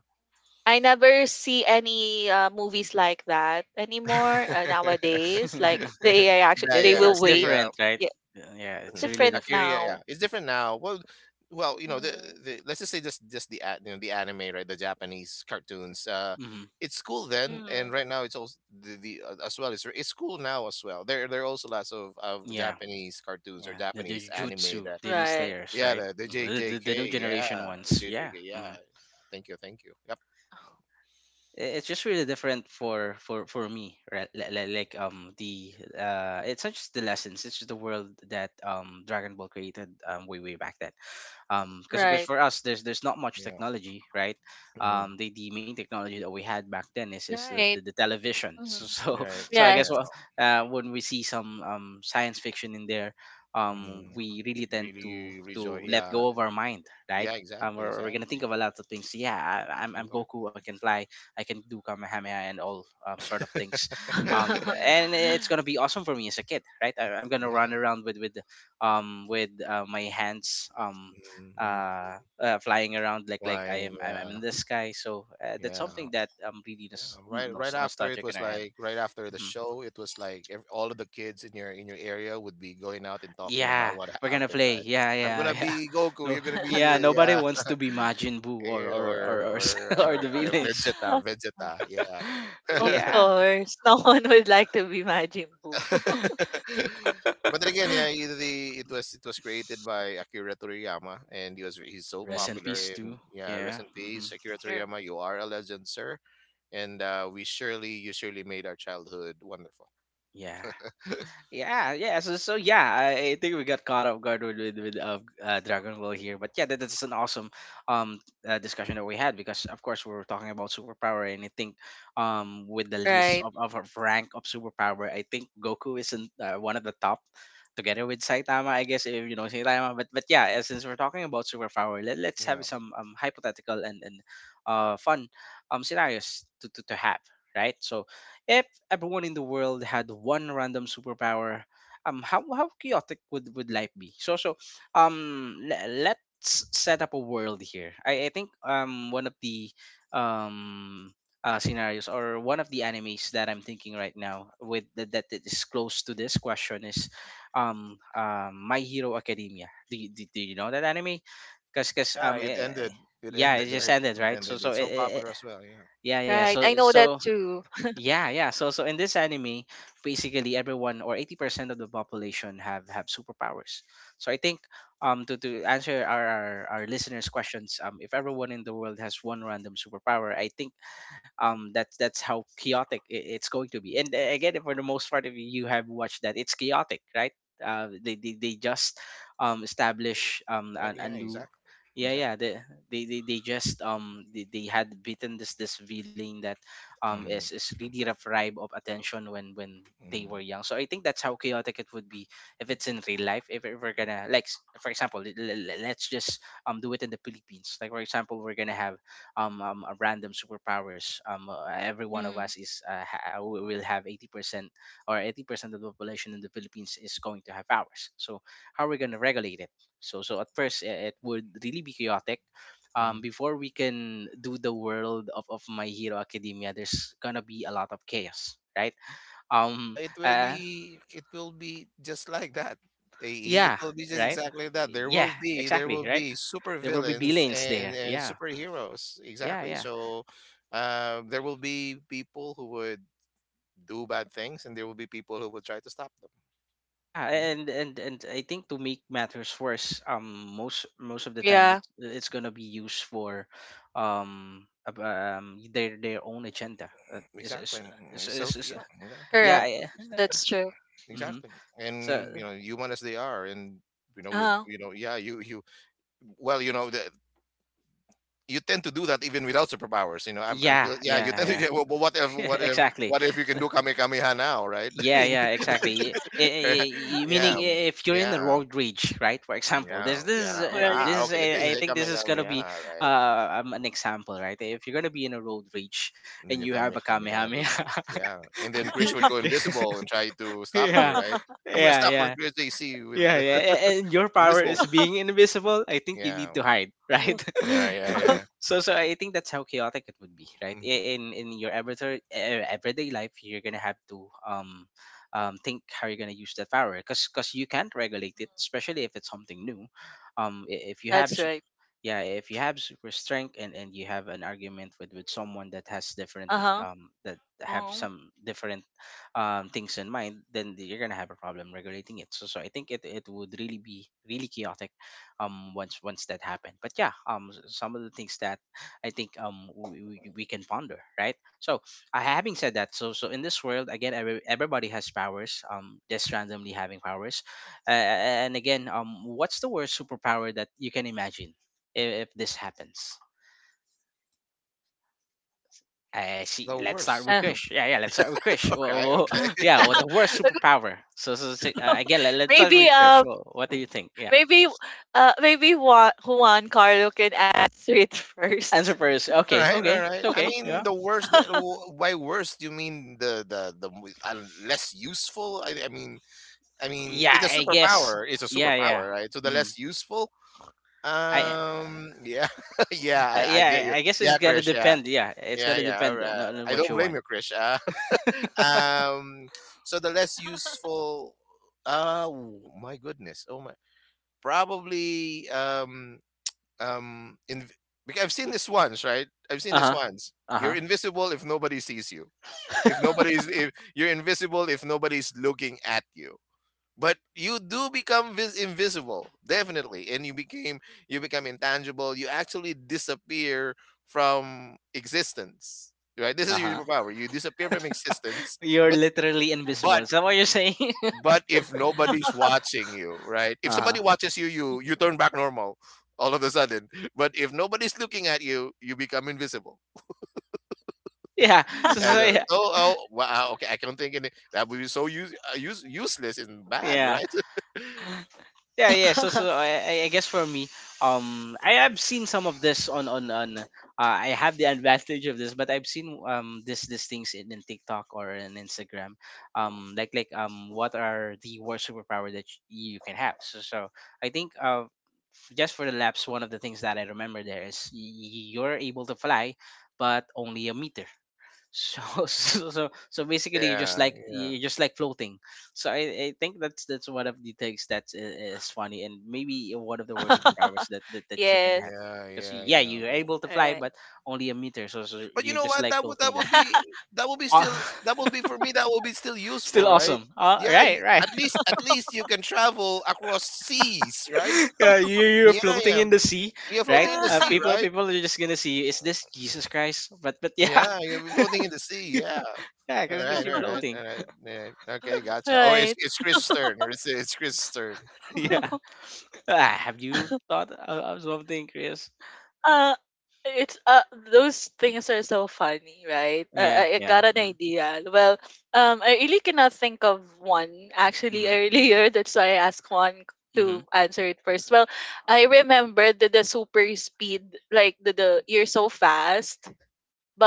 [SPEAKER 3] I never see any movies like that anymore nowadays. Like
[SPEAKER 1] It,
[SPEAKER 3] they AI actually
[SPEAKER 2] Yeah,
[SPEAKER 3] they
[SPEAKER 2] yeah, our.
[SPEAKER 3] will
[SPEAKER 1] it's
[SPEAKER 3] wait.
[SPEAKER 1] different, right?
[SPEAKER 3] Yeah,
[SPEAKER 1] Yeah, yeah, it's
[SPEAKER 2] Mhm.
[SPEAKER 1] really
[SPEAKER 3] different
[SPEAKER 2] Akira,
[SPEAKER 1] different.
[SPEAKER 2] yeah,
[SPEAKER 3] now.
[SPEAKER 2] it's different now. Well, you know,
[SPEAKER 3] Hmm
[SPEAKER 2] the let's just say just you know the anime, right? The Japanese cartoons.
[SPEAKER 1] Hmm.
[SPEAKER 2] It's cool then, and
[SPEAKER 3] hmm.
[SPEAKER 2] right now it's also the as well. It's cool now as well. There are also lots of
[SPEAKER 1] Yeah.
[SPEAKER 2] Japanese cartoons or
[SPEAKER 1] Yeah.
[SPEAKER 2] Japanese
[SPEAKER 1] The
[SPEAKER 2] anime
[SPEAKER 1] Jujutsu
[SPEAKER 2] that
[SPEAKER 1] Demon
[SPEAKER 3] Right.
[SPEAKER 1] Slayers,
[SPEAKER 2] yeah
[SPEAKER 1] right?
[SPEAKER 2] the
[SPEAKER 1] Mhm.
[SPEAKER 2] JJK,
[SPEAKER 1] The new
[SPEAKER 2] yeah,
[SPEAKER 1] generation ones. Yeah.
[SPEAKER 2] JJK, yeah.
[SPEAKER 1] Mm-hmm.
[SPEAKER 2] Thank you, thank you. Yep.
[SPEAKER 1] It's just really different for me, right? Like the it's not just the lessons, it's just the world that Dragon Ball created way back then, because
[SPEAKER 3] Right.
[SPEAKER 1] for us there's not much
[SPEAKER 2] Yeah.
[SPEAKER 1] technology, right?
[SPEAKER 2] Hmm.
[SPEAKER 1] The main technology that we had back then is
[SPEAKER 3] Right.
[SPEAKER 1] the television. So
[SPEAKER 3] Hmm.
[SPEAKER 1] so
[SPEAKER 2] Yeah.
[SPEAKER 1] so I guess,
[SPEAKER 3] Yes.
[SPEAKER 1] well,
[SPEAKER 2] Yeah.
[SPEAKER 1] when we see some science fiction in there,
[SPEAKER 2] hmm
[SPEAKER 1] we really tend
[SPEAKER 2] Really rejoice.
[SPEAKER 1] to let
[SPEAKER 2] Yeah.
[SPEAKER 1] go of our mind, right?
[SPEAKER 2] Yeah.
[SPEAKER 1] Um,
[SPEAKER 2] Exactly.
[SPEAKER 1] we're gonna
[SPEAKER 2] Exactly.
[SPEAKER 1] think of a lot of things. Yeah, I'm
[SPEAKER 2] Exactly.
[SPEAKER 1] Goku. I can fly. I can do Kamehameha and all sort of things. Um, and
[SPEAKER 2] Yep.
[SPEAKER 1] it's gonna be awesome for me as a kid, right? I'm gonna run
[SPEAKER 2] Yeah.
[SPEAKER 1] around with my hands
[SPEAKER 2] mm
[SPEAKER 1] flying around like
[SPEAKER 2] Flying.
[SPEAKER 1] I'm in
[SPEAKER 2] Yeah.
[SPEAKER 1] the sky. So that's
[SPEAKER 2] Yeah.
[SPEAKER 1] something that I'm really
[SPEAKER 2] Yeah. Right. Right after it
[SPEAKER 1] nostalgic in
[SPEAKER 2] was
[SPEAKER 1] our end.
[SPEAKER 2] like right after the
[SPEAKER 1] Hmm.
[SPEAKER 2] show, it was like ev all of the kids in your area would be going out and talking
[SPEAKER 1] Yeah,
[SPEAKER 2] about what
[SPEAKER 1] we're gonna
[SPEAKER 2] happened.
[SPEAKER 1] play.
[SPEAKER 2] Right.
[SPEAKER 1] Yeah,
[SPEAKER 2] I'm
[SPEAKER 1] yeah,
[SPEAKER 2] gonna
[SPEAKER 1] yeah.
[SPEAKER 2] be Goku.
[SPEAKER 1] No,
[SPEAKER 2] You're gonna be
[SPEAKER 1] yeah.
[SPEAKER 2] the,
[SPEAKER 1] Nobody
[SPEAKER 2] yeah.
[SPEAKER 1] wants to be Majin Buu or or or or, or the
[SPEAKER 2] Or
[SPEAKER 1] villains.
[SPEAKER 2] Vegeta. Vegeta. Yeah.
[SPEAKER 3] Of
[SPEAKER 1] Yeah.
[SPEAKER 3] course, no one would like to be Majin Buu.
[SPEAKER 2] But then again, yeah, it was created by Akira Toriyama, and he's so
[SPEAKER 1] Rest
[SPEAKER 3] Mm,
[SPEAKER 1] in
[SPEAKER 2] popular.
[SPEAKER 1] peace
[SPEAKER 2] And
[SPEAKER 1] too.
[SPEAKER 2] yeah,
[SPEAKER 1] Yeah.
[SPEAKER 2] rest in
[SPEAKER 1] Hmm.
[SPEAKER 2] peace, Akira
[SPEAKER 3] yeah.
[SPEAKER 2] Toriyama. You are a legend, sir. And you surely made our childhood wonderful.
[SPEAKER 1] Yeah. Yeah. Yeah. So yeah, I think we got caught off guard with Dragon Ball here, but yeah, that's an awesome um discussion that we had, because of course we were talking about superpower, and I think with the list
[SPEAKER 3] Right.
[SPEAKER 1] of our rank of superpower, I think Goku isn't one of the top. Together with Saitama, I guess if you know Saitama, but yeah, since we're talking about superpower, let's
[SPEAKER 2] Yeah,
[SPEAKER 1] have some hypothetical and fun scenarios to have, right? So if everyone in the world had one random superpower, how chaotic would life be? So let's set up a world here. I think one of the um scenarios or one of the animes that I'm thinking right now, with that is close to this question, is My Hero Academia. Do you know that anime? Cause cause
[SPEAKER 2] yeah.
[SPEAKER 1] um
[SPEAKER 2] It
[SPEAKER 1] eh, eh,
[SPEAKER 2] ended. It
[SPEAKER 1] yeah, it
[SPEAKER 2] ended.
[SPEAKER 1] just
[SPEAKER 2] Right.
[SPEAKER 1] ended,
[SPEAKER 2] It
[SPEAKER 1] right.
[SPEAKER 2] ended. It's so popular as well. Yeah.
[SPEAKER 1] Yeah yeah.
[SPEAKER 3] Right. I know that too.
[SPEAKER 1] Yeah, yeah. So in this anime, basically everyone, or 80% of the population, have superpowers. So I think to answer our listeners questions, if everyone in the world has one random superpower, I think that's how chaotic it's going to be, and again for the most part, if you have watched that, it's chaotic, right? They just establish
[SPEAKER 2] Yeah.
[SPEAKER 1] a
[SPEAKER 2] Yeah,
[SPEAKER 1] new...
[SPEAKER 2] exactly.
[SPEAKER 1] Yeah, yeah.
[SPEAKER 2] Exactly.
[SPEAKER 1] They just they had beaten this villain that
[SPEAKER 2] Mm-hmm.
[SPEAKER 1] is really deprived of attention when they were young. So I think that's how chaotic it would be, if it's in real life. If we're gonna, like, for example, let's just do it in the Philippines. Like, for example, we're gonna have random superpowers. Every one of
[SPEAKER 3] Mm,
[SPEAKER 1] us we will have 80%, or 80% of the population in the Philippines is going to have powers. So how are we going to regulate it? So at first, it would really be chaotic.
[SPEAKER 2] Mm-hmm.
[SPEAKER 1] Before we can do the world of My Hero Academia, there's gonna be a lot of chaos, right?
[SPEAKER 2] Yeah,
[SPEAKER 1] Um,
[SPEAKER 2] it will
[SPEAKER 1] uh,
[SPEAKER 2] be it will be just like that. AE. It
[SPEAKER 1] yeah,
[SPEAKER 2] will be just
[SPEAKER 1] right?
[SPEAKER 2] exactly that. There
[SPEAKER 1] Yeah,
[SPEAKER 2] will be there
[SPEAKER 1] exactly,
[SPEAKER 2] will
[SPEAKER 1] right?
[SPEAKER 2] be super
[SPEAKER 1] There will be
[SPEAKER 2] villains
[SPEAKER 1] billions
[SPEAKER 2] and,
[SPEAKER 1] there.
[SPEAKER 2] and
[SPEAKER 1] Yeah,
[SPEAKER 2] superheroes.
[SPEAKER 1] yeah,
[SPEAKER 2] Exactly.
[SPEAKER 1] yeah.
[SPEAKER 2] So there will be people who would do bad things, and there will be people who will try to stop them.
[SPEAKER 1] Yeah,
[SPEAKER 2] Mhm.
[SPEAKER 1] and I think, to make matters worse, most of the time
[SPEAKER 3] yeah.
[SPEAKER 1] it's gonna be used for their own agenda.
[SPEAKER 2] Exactly.
[SPEAKER 1] Is
[SPEAKER 2] Mm,
[SPEAKER 1] is
[SPEAKER 2] Self
[SPEAKER 1] is-
[SPEAKER 2] yeah, exactly.
[SPEAKER 1] yeah,
[SPEAKER 3] Correct.
[SPEAKER 1] yeah.
[SPEAKER 2] Selfishness, yeah.
[SPEAKER 3] That's true.
[SPEAKER 1] Hmm.
[SPEAKER 2] Exactly. And you
[SPEAKER 1] So
[SPEAKER 2] know, human as they are, and you know with
[SPEAKER 3] Uh,
[SPEAKER 2] you know, yeah, you, well, you know, the you tend to do that even without superpowers. You know,
[SPEAKER 1] yeah,
[SPEAKER 2] Yeah, you tend to,
[SPEAKER 1] yeah,
[SPEAKER 2] yeah, well, but what if,
[SPEAKER 1] yeah,
[SPEAKER 2] what if,
[SPEAKER 1] exactly.
[SPEAKER 2] what if you
[SPEAKER 1] So,
[SPEAKER 2] can do Kamehameha now, right? I
[SPEAKER 1] yeah,
[SPEAKER 2] mean,
[SPEAKER 1] yeah, exactly. I- I- I-
[SPEAKER 2] Yeah,
[SPEAKER 1] meaning, i- if you're in the
[SPEAKER 2] yeah,
[SPEAKER 1] road rage, right? For example,
[SPEAKER 2] yeah, yeah.
[SPEAKER 3] right.
[SPEAKER 2] Ah, okay, this
[SPEAKER 1] I
[SPEAKER 2] is a
[SPEAKER 1] think this is gonna
[SPEAKER 2] Kamehameha,
[SPEAKER 1] be
[SPEAKER 2] right?
[SPEAKER 1] an example, right? If you're gonna be in a road rage
[SPEAKER 2] And
[SPEAKER 1] and
[SPEAKER 2] then
[SPEAKER 1] you
[SPEAKER 2] you
[SPEAKER 1] have a
[SPEAKER 2] Kamehameha
[SPEAKER 1] kamehameha,
[SPEAKER 2] everybody. Yeah. And then Chris would
[SPEAKER 1] yeah,
[SPEAKER 2] go invisible and try to stop me,
[SPEAKER 1] yeah,
[SPEAKER 2] right? I'm going to
[SPEAKER 1] yeah,
[SPEAKER 2] stop on
[SPEAKER 1] yeah.
[SPEAKER 2] Chris AC with
[SPEAKER 1] Yeah,
[SPEAKER 2] the
[SPEAKER 1] yeah, and your power
[SPEAKER 2] invisible.
[SPEAKER 1] is being invisible. I think you need
[SPEAKER 2] Yeah,
[SPEAKER 1] to hide, right?
[SPEAKER 2] yeah, yeah, yeah.
[SPEAKER 1] So I think that's how chaotic it would be, right?
[SPEAKER 2] Mhm.
[SPEAKER 1] In your everyday everyday life, you're gonna have to think how you're gonna use that power, 'cause you can't regulate it,
[SPEAKER 3] Mm,
[SPEAKER 1] especially if it's something new. I- if you have
[SPEAKER 3] that's right.
[SPEAKER 1] yeah if you have super strength and you have an argument with someone that has different
[SPEAKER 3] Uh-huh.
[SPEAKER 1] that have
[SPEAKER 3] Uh-huh.
[SPEAKER 1] some different things in mind, then you're gonna have a problem regulating it. So I think it would really be really chaotic once that happened. But yeah, some of the things that I think we can ponder, right? So having said that, in this world, again, everybody has powers, just randomly having powers, and again, what's the worst superpower that you can imagine if this happens? I see.
[SPEAKER 2] The
[SPEAKER 1] Let's start
[SPEAKER 2] worst.
[SPEAKER 1] with
[SPEAKER 3] Uh,
[SPEAKER 1] Krish. Yeah, yeah. Let's start with Krish. Well,
[SPEAKER 2] Okay,
[SPEAKER 1] well,
[SPEAKER 2] okay.
[SPEAKER 1] yeah. Well, the worst superpower. So, again, let's start
[SPEAKER 3] maybe
[SPEAKER 1] with Krish.
[SPEAKER 3] um
[SPEAKER 1] Well, what do you think? Yeah.
[SPEAKER 3] maybe maybe Juan, Juan Carlo can answer it first.
[SPEAKER 1] Answer first.
[SPEAKER 2] All
[SPEAKER 1] Okay.
[SPEAKER 2] right,
[SPEAKER 1] Okay.
[SPEAKER 2] all
[SPEAKER 1] It's
[SPEAKER 2] right. I
[SPEAKER 1] okay. Yeah.
[SPEAKER 2] mean, the worst. By worst, you mean the less useful? I mean,
[SPEAKER 1] Yeah.
[SPEAKER 2] it's a
[SPEAKER 1] I guess.
[SPEAKER 2] superpower. It's a
[SPEAKER 1] Yeah. Yeah.
[SPEAKER 2] superpower, right? So the
[SPEAKER 1] Mm.
[SPEAKER 2] less useful.
[SPEAKER 1] I.
[SPEAKER 2] Yeah,
[SPEAKER 1] Uh,
[SPEAKER 2] yeah. I get
[SPEAKER 1] yeah.
[SPEAKER 2] you.
[SPEAKER 1] I guess it's
[SPEAKER 2] Yeah,
[SPEAKER 1] gonna
[SPEAKER 2] Krish. Yeah,
[SPEAKER 1] depend. Yeah. It's
[SPEAKER 2] yeah,
[SPEAKER 1] gonna
[SPEAKER 2] yeah. All
[SPEAKER 1] depend on,
[SPEAKER 2] right.
[SPEAKER 1] on
[SPEAKER 2] I
[SPEAKER 1] what
[SPEAKER 2] don't
[SPEAKER 1] you
[SPEAKER 2] blame
[SPEAKER 1] want.
[SPEAKER 2] you, Krish. Um, so the less useful. Oh my goodness. Oh my. Probably. In Because I've seen this once, right? I've seen
[SPEAKER 1] Uh
[SPEAKER 2] this
[SPEAKER 1] huh.
[SPEAKER 2] once.
[SPEAKER 1] Uh
[SPEAKER 2] You're
[SPEAKER 1] huh.
[SPEAKER 2] invisible if nobody sees you. If you're invisible if nobody's looking at you. But you do become invisible, definitely, and you become intangible. You actually disappear from existence, right? This is
[SPEAKER 1] Uh
[SPEAKER 2] your
[SPEAKER 1] huh.
[SPEAKER 2] superpower. You disappear from existence,
[SPEAKER 1] You're
[SPEAKER 2] but
[SPEAKER 1] literally invisible.
[SPEAKER 2] but
[SPEAKER 1] Is that what you're saying?
[SPEAKER 2] but if nobody's watching you, right? If
[SPEAKER 1] Uh
[SPEAKER 2] somebody
[SPEAKER 1] huh.
[SPEAKER 2] watches you, you turn back normal all of a sudden. But if nobody's looking at you, you become invisible.
[SPEAKER 1] Yeah. So,
[SPEAKER 2] And
[SPEAKER 1] so yeah.
[SPEAKER 2] oh, oh, wow, okay, I can't think any, that would be so useless and bad,
[SPEAKER 1] Yeah.
[SPEAKER 2] right?
[SPEAKER 1] Yeah, yeah. So I guess, for me, I have seen some of this on— I have the advantage of this, but I've seen this these things in TikTok or in Instagram, like, what are the worst superpower that you can have. So I think, just for the laps, one of the things that I remember there is, you're able to fly but only a meter, so basically you're just
[SPEAKER 2] Yeah,
[SPEAKER 1] like,
[SPEAKER 2] yeah,
[SPEAKER 1] floating so I think that's one of the things that is funny, and maybe one of the worst superpowers that you can
[SPEAKER 3] Yes.
[SPEAKER 1] have,
[SPEAKER 2] yeah,
[SPEAKER 1] because,
[SPEAKER 2] yeah,
[SPEAKER 1] yeah,
[SPEAKER 2] yeah.
[SPEAKER 1] you're able to
[SPEAKER 3] All
[SPEAKER 1] fly
[SPEAKER 3] right.
[SPEAKER 1] but only a meter, so
[SPEAKER 2] But you
[SPEAKER 1] you're
[SPEAKER 2] know
[SPEAKER 1] just
[SPEAKER 2] what?
[SPEAKER 1] like floating there. Uh,
[SPEAKER 2] That would be for me. That would be still
[SPEAKER 1] still
[SPEAKER 2] useful, right?
[SPEAKER 1] awesome.
[SPEAKER 2] Yeah,
[SPEAKER 1] Right, right.
[SPEAKER 2] at least you can travel across seas, right?
[SPEAKER 1] Yeah, you're
[SPEAKER 2] Yeah,
[SPEAKER 1] floating
[SPEAKER 2] yeah.
[SPEAKER 1] in the sea,
[SPEAKER 2] You're
[SPEAKER 1] right?
[SPEAKER 2] floating in the sea,
[SPEAKER 1] People
[SPEAKER 2] right?
[SPEAKER 1] people are just gonna see you. Is this Jesus Christ? But yeah,
[SPEAKER 2] Yeah, you're floating in the sea. Yeah.
[SPEAKER 1] yeah,
[SPEAKER 2] All
[SPEAKER 1] because
[SPEAKER 2] right,
[SPEAKER 1] you're
[SPEAKER 2] all right,
[SPEAKER 1] floating.
[SPEAKER 2] all right, all right. Okay, gotcha. Oh, it's
[SPEAKER 3] right.
[SPEAKER 2] it's Chris turn. It's Chris turn.
[SPEAKER 1] Yeah. Ah, have you thought of something, Chris?
[SPEAKER 3] Uh, it's those things are so funny, right?
[SPEAKER 1] Yeah,
[SPEAKER 3] I
[SPEAKER 1] yeah.
[SPEAKER 3] got an
[SPEAKER 1] Mm-hmm,
[SPEAKER 3] idea. Well, I really cannot think of one actually
[SPEAKER 1] mm-hmm,
[SPEAKER 3] earlier. That's why I asked Juan
[SPEAKER 1] mm-hmm.
[SPEAKER 3] to answer it first. Well, I remember the super speed, like the you're so fast,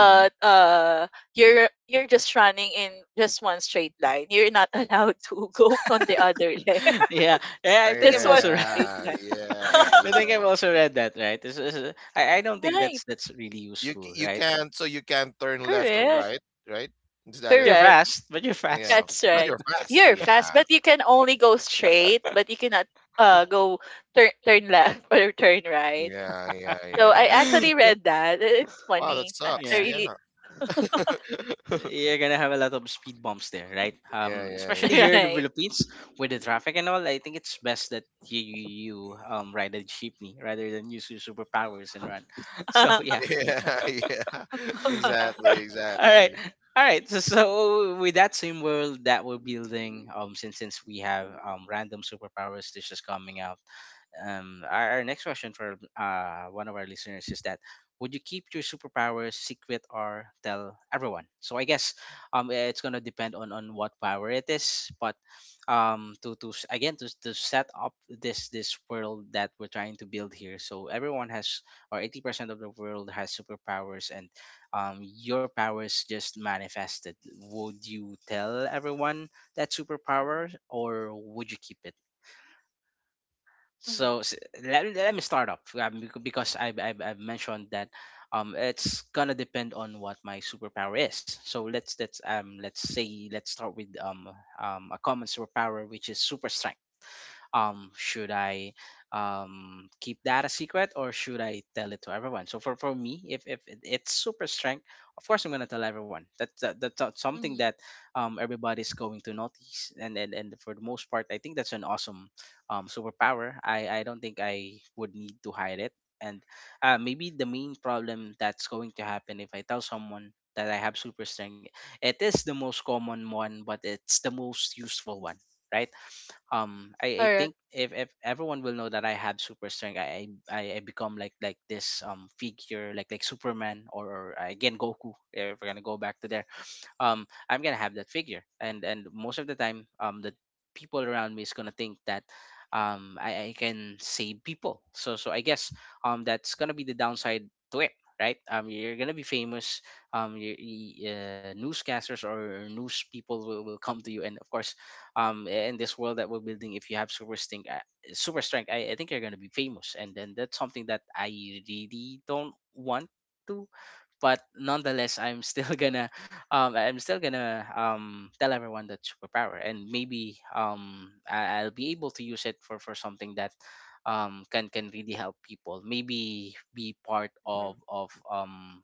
[SPEAKER 1] Mm-hmm.
[SPEAKER 3] you're just running in just one straight line. You're not allowed to go on the other leg.
[SPEAKER 1] Yeah, yeah.
[SPEAKER 2] Oh,
[SPEAKER 1] I think
[SPEAKER 3] Just
[SPEAKER 1] I've
[SPEAKER 3] one
[SPEAKER 1] also read.
[SPEAKER 3] straight
[SPEAKER 2] yeah,
[SPEAKER 3] line.
[SPEAKER 2] yeah,
[SPEAKER 1] I think
[SPEAKER 2] yeah.
[SPEAKER 1] I've also read that. Right. This is, I don't think
[SPEAKER 3] right.
[SPEAKER 1] that's really
[SPEAKER 2] You c-
[SPEAKER 1] useful.
[SPEAKER 2] you
[SPEAKER 1] Right.
[SPEAKER 2] can't So you can't turn left or
[SPEAKER 3] Correct.
[SPEAKER 2] right, right? Is that
[SPEAKER 1] But
[SPEAKER 2] it?
[SPEAKER 1] you're
[SPEAKER 3] Correct.
[SPEAKER 1] fast. But you're
[SPEAKER 2] Yeah,
[SPEAKER 1] fast.
[SPEAKER 3] That's
[SPEAKER 2] but
[SPEAKER 3] right.
[SPEAKER 2] you're fast.
[SPEAKER 3] You're
[SPEAKER 2] Yeah,
[SPEAKER 3] fast, but you can only go straight, but you cannot go turn left or turn right.
[SPEAKER 2] yeah, yeah,
[SPEAKER 3] So
[SPEAKER 2] yeah,
[SPEAKER 3] I
[SPEAKER 2] yeah.
[SPEAKER 3] actually read that. I- It's
[SPEAKER 2] Wow, that
[SPEAKER 3] funny. I
[SPEAKER 2] sucks.
[SPEAKER 1] Yeah.
[SPEAKER 2] Yeah,
[SPEAKER 3] really
[SPEAKER 1] You're gonna have a lot of speed bumps there, right?
[SPEAKER 2] yeah, yeah,
[SPEAKER 1] Especially
[SPEAKER 2] yeah,
[SPEAKER 1] here in the
[SPEAKER 3] right.
[SPEAKER 1] Philippines, with the traffic and all. I think it's best that you ride it cheaply rather than use your superpowers and run. So yeah.
[SPEAKER 2] yeah, yeah, yeah.
[SPEAKER 3] Mm-hmm.
[SPEAKER 2] Exactly,
[SPEAKER 1] All right.
[SPEAKER 2] exactly.
[SPEAKER 1] All right. So with that same world that we're building, since we have random superpowers that's just coming out, our next question for one of our listeners is that, would you keep your superpowers secret or tell everyone? So I guess it's gonna depend on what power it is, but again to set up this world that we're trying to build here. So everyone has, or 80% of the world has superpowers, and your powers just manifested. Would you tell everyone that superpower, or would you keep it? So let me start off, because I've mentioned that it's gonna depend on what my superpower is. So let's start with a common superpower, which is super strength. Should I keep that a secret, or should I tell it to everyone? So for me, if it's super strength, of course I'm going to tell everyone. That's that's something
[SPEAKER 3] Mm-hmm.
[SPEAKER 1] that everybody's going to notice, and for the most part, I think that's an awesome superpower I don't think I would need to hide it. And maybe the main problem that's going to happen if I tell someone that I have super strength... it is the most common one, but it's the most useful one, right? I
[SPEAKER 3] Correct.
[SPEAKER 1] think, if, everyone will know that I have super strength, I become like, this figure like Superman or, again, Goku. If we're gonna go back to there, I'm gonna have that figure. And most of the time, the people around me is gonna think that I can save people. So I guess that's gonna be the downside to it, right? You're gonna be famous. Newscasters or news people will come to you, and, of course, in this world that we're building, if you have super strength, I think you're gonna be famous, and then that's something that I really don't want to. But nonetheless, I'm still gonna I'm still gonna tell everyone that superpower. And maybe I'll be able to use it for something that can really help people, maybe be part
[SPEAKER 3] Hmm.
[SPEAKER 1] of um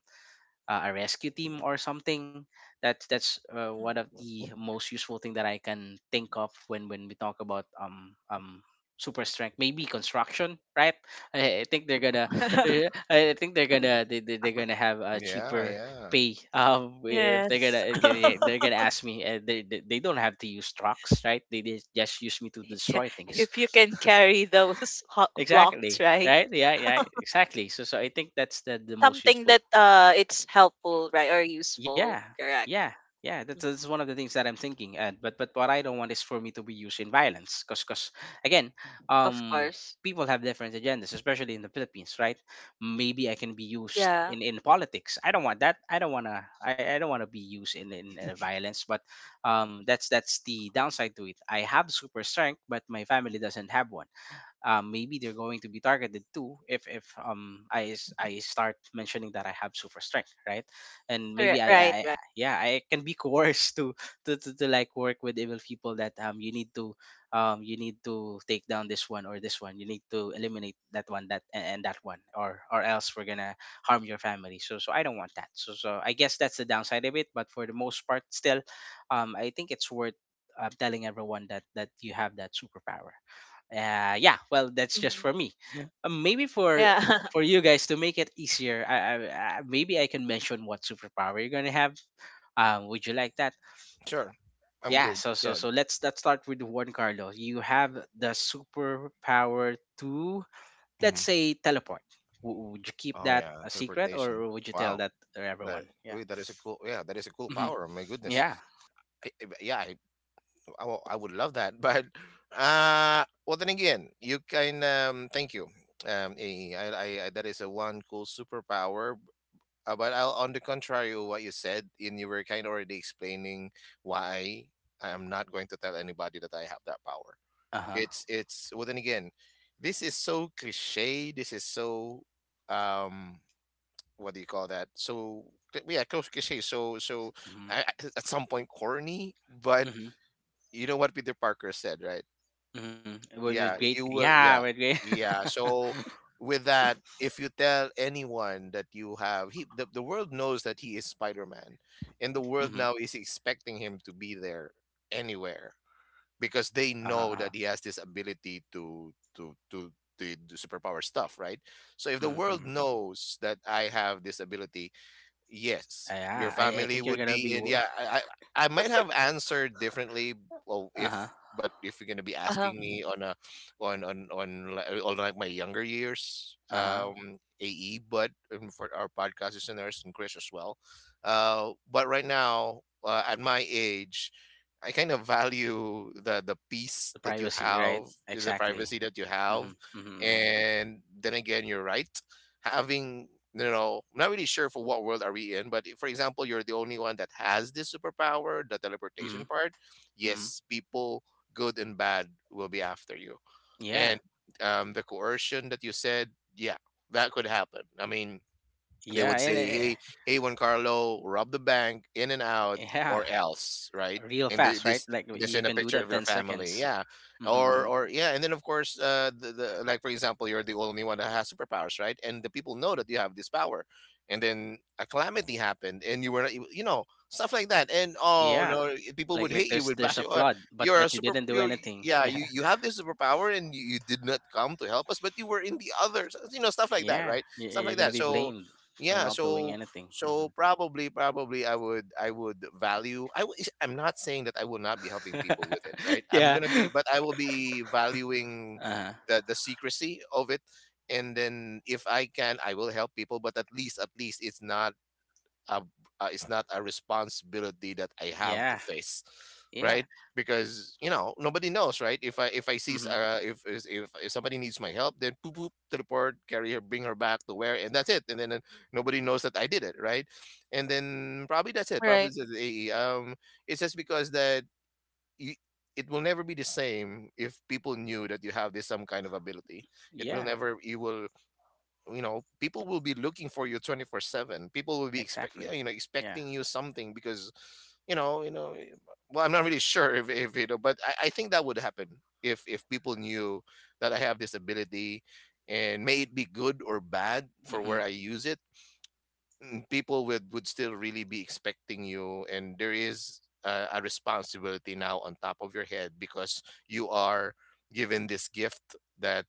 [SPEAKER 1] uh, a rescue team or something. That's one of the most useful thing that I can think of when we talk about super strength, maybe construction, right? i, I think they're gonna I think they're gonna they're gonna have a
[SPEAKER 2] Yeah,
[SPEAKER 1] cheaper
[SPEAKER 2] yeah.
[SPEAKER 1] pay. If they're
[SPEAKER 3] Yes.
[SPEAKER 1] gonna they're gonna ask me, they don't have to use trucks, right? They just use me to destroy things.
[SPEAKER 3] If you can carry those ho- blocks,
[SPEAKER 1] Exactly,
[SPEAKER 3] right?
[SPEAKER 1] right. Yeah, yeah, exactly. So I think that's the most
[SPEAKER 3] Something
[SPEAKER 1] useful.
[SPEAKER 3] that it's helpful, right, or
[SPEAKER 1] Yeah,
[SPEAKER 3] useful. Correct.
[SPEAKER 1] yeah, yeah. That's,
[SPEAKER 3] Mm.
[SPEAKER 1] that's one of the things that I'm thinking. And but what I don't want is for me to be used in violence. Cause again,
[SPEAKER 3] Of
[SPEAKER 1] um,
[SPEAKER 3] course.
[SPEAKER 1] people have different agendas, especially in the Philippines, right? Maybe I can be used
[SPEAKER 3] Yeah.
[SPEAKER 1] in politics. I don't want that. I don't wanna. I don't wanna be used in violence. But that's the downside to it. I have super strength, but my family doesn't have one. Maybe they're going to be targeted too if I start mentioning that I have super strength, right? And maybe
[SPEAKER 3] Correct. Right.
[SPEAKER 1] yeah, I can be coerced to like work with evil people that you need to you need to take down this one, or this one, you need to eliminate that one, that and that one, or else we're gonna harm your family. So I don't want that. So I guess that's the downside of it. But for the most part, still, I think it's worth telling everyone that you have that superpower. Yeah, well, that's just
[SPEAKER 3] Right.
[SPEAKER 1] for me. Maybe
[SPEAKER 3] Yeah.
[SPEAKER 1] for you guys to make it easier, maybe I can mention what superpower you're gonna have. Would you like that?
[SPEAKER 2] Sure, I'm
[SPEAKER 1] Yeah.
[SPEAKER 2] good.
[SPEAKER 1] So
[SPEAKER 2] Yeah.
[SPEAKER 1] let's start with one, Carlo. You have the superpower to, let's
[SPEAKER 2] Mm-hmm.
[SPEAKER 1] say, teleport. W- would you keep
[SPEAKER 2] Oh,
[SPEAKER 1] that
[SPEAKER 2] yeah,
[SPEAKER 1] a secret,
[SPEAKER 2] teleportation.
[SPEAKER 1] or would you tell
[SPEAKER 2] Wow,
[SPEAKER 1] that to
[SPEAKER 2] that
[SPEAKER 1] everyone? Yeah.
[SPEAKER 2] oh, that is a cool. Yeah, that is a cool
[SPEAKER 1] Hmm.
[SPEAKER 2] power. My goodness.
[SPEAKER 1] Yeah.
[SPEAKER 2] I, I- yeah, I, I would love that. But well, then again, you can. Thank you. That is a one cool superpower. But I'll, on the contrary, of what you said, and you were kind of already explaining why I am not going to tell anybody that I have that power.
[SPEAKER 1] Uh huh.
[SPEAKER 2] It's. Well, then again, this is so cliche. This is so um what do you call that? So yeah, close cliche. So
[SPEAKER 1] Mm-hmm.
[SPEAKER 2] at some point corny, but
[SPEAKER 1] Mm-hmm.
[SPEAKER 2] you know what Peter Parker said, right?
[SPEAKER 1] Mm-hmm. With
[SPEAKER 2] Yeah, you
[SPEAKER 1] great.
[SPEAKER 2] will.
[SPEAKER 1] Yeah.
[SPEAKER 2] Yeah,
[SPEAKER 1] With great.
[SPEAKER 2] yeah. So with that, if you tell anyone that you have, he the world knows that he is Spider Man, and the world
[SPEAKER 1] Mm-hmm.
[SPEAKER 2] now is expecting him to be there anywhere because they
[SPEAKER 1] Uh huh.
[SPEAKER 2] know
[SPEAKER 1] Uh-huh.
[SPEAKER 2] that he has this ability to do superpower stuff, right? So if the
[SPEAKER 1] Uh-huh.
[SPEAKER 2] world
[SPEAKER 1] Mhm.
[SPEAKER 2] knows that I have this ability, yes, your
[SPEAKER 1] Yeah, I
[SPEAKER 2] family
[SPEAKER 1] think you're
[SPEAKER 2] would
[SPEAKER 1] gonna
[SPEAKER 2] be
[SPEAKER 1] be
[SPEAKER 2] in. I might have answered differently. Well, if
[SPEAKER 1] Uh-huh.
[SPEAKER 2] But if you're gonna be
[SPEAKER 3] uh-huh.
[SPEAKER 2] asking me on a on like my younger years,
[SPEAKER 1] Uh-huh.
[SPEAKER 2] AE, but for our podcast listeners and Chris as well, but right now at my age. I kind of value the peace
[SPEAKER 1] The
[SPEAKER 2] that you
[SPEAKER 1] privacy,
[SPEAKER 2] have,
[SPEAKER 1] right?
[SPEAKER 2] the
[SPEAKER 1] Exactly.
[SPEAKER 2] privacy that you have,
[SPEAKER 1] Mm-hmm. Mm-hmm.
[SPEAKER 2] and then again, you're right having I'm not really sure for what world are we in, but if, for example, you're the only one that has this superpower, the
[SPEAKER 1] Mm-hmm.
[SPEAKER 2] teleportation part,
[SPEAKER 1] Mm-hmm. Mm-hmm.
[SPEAKER 2] yes, people good and bad will be after you, and
[SPEAKER 1] Yeah.
[SPEAKER 2] the coercion that you said, yeah, that could happen. They would
[SPEAKER 1] Yeah,
[SPEAKER 2] say,
[SPEAKER 1] and
[SPEAKER 2] "Hey, hey, Juan Carlo, rob the bank in and out,
[SPEAKER 1] yeah,
[SPEAKER 2] or else," right?
[SPEAKER 1] real fast, right?
[SPEAKER 2] This
[SPEAKER 1] Like you
[SPEAKER 2] in a
[SPEAKER 1] can do
[SPEAKER 2] picture of
[SPEAKER 1] that
[SPEAKER 2] your
[SPEAKER 1] 10
[SPEAKER 2] family,
[SPEAKER 1] seconds.
[SPEAKER 2] yeah,
[SPEAKER 1] Mm-hmm.
[SPEAKER 2] or
[SPEAKER 1] Mm-hmm.
[SPEAKER 2] or yeah, and then of course, the, like for example, you're the only one that has superpowers, right? And the people know that you have this power, and then a calamity happened, and you were not, you know, stuff like that, and oh
[SPEAKER 1] Yeah.
[SPEAKER 2] no, people would hate
[SPEAKER 1] Like
[SPEAKER 2] you,
[SPEAKER 1] there's
[SPEAKER 2] would bash you.
[SPEAKER 1] a
[SPEAKER 2] "Oh,
[SPEAKER 1] flood, but
[SPEAKER 2] you're a
[SPEAKER 1] you
[SPEAKER 2] super,
[SPEAKER 1] didn't do
[SPEAKER 2] you're,
[SPEAKER 1] anything.
[SPEAKER 2] yeah, you
[SPEAKER 1] Yeah.
[SPEAKER 2] you have this superpower, and you did not come to help us, but you were in the others, you know," stuff like that,
[SPEAKER 1] Yeah.
[SPEAKER 2] right?
[SPEAKER 1] You,
[SPEAKER 2] Stuff like
[SPEAKER 1] you're gonna
[SPEAKER 2] that.
[SPEAKER 1] be blamed for
[SPEAKER 2] Yeah
[SPEAKER 1] not doing
[SPEAKER 2] so
[SPEAKER 1] anything.
[SPEAKER 2] so
[SPEAKER 1] Hmm.
[SPEAKER 2] probably I would value. I'm not saying that I will not be helping people with it, right? I'm
[SPEAKER 1] Yeah.
[SPEAKER 2] gonna be, but I will be valuing
[SPEAKER 1] Uh-huh.
[SPEAKER 2] the secrecy of it. And then if I can, I will help people, but at least a it's not a responsibility that I have to
[SPEAKER 1] Yeah.
[SPEAKER 2] face,
[SPEAKER 1] Yeah.
[SPEAKER 2] right? Because you know nobody knows, right? If I see s-
[SPEAKER 1] Mm-hmm.
[SPEAKER 2] if, is- if somebody needs my help, then poop poop teleport, carry her, bring her back to where, and that's it. And then nobody knows that I did it, right? And then probably that's it. Probably
[SPEAKER 3] Right.
[SPEAKER 2] that's the AE. It's just because that you, it will never be the same if people knew that you have this some kind of ability. It will
[SPEAKER 1] Yeah.
[SPEAKER 2] never. You will, you know, people will be looking for you 24/7, people will be expect, yeah,
[SPEAKER 1] Exactly.
[SPEAKER 2] you know,
[SPEAKER 1] Yeah.
[SPEAKER 2] expecting you something because you know you know eh, well, I'm not really sure if you know, but I think that would happen if people knew that I have this ability, and may it be good or bad for
[SPEAKER 1] Mm-hmm.
[SPEAKER 2] where I use it, mm, people would still really be expecting you, and there is a responsibility now on top of your head because you are given this gift that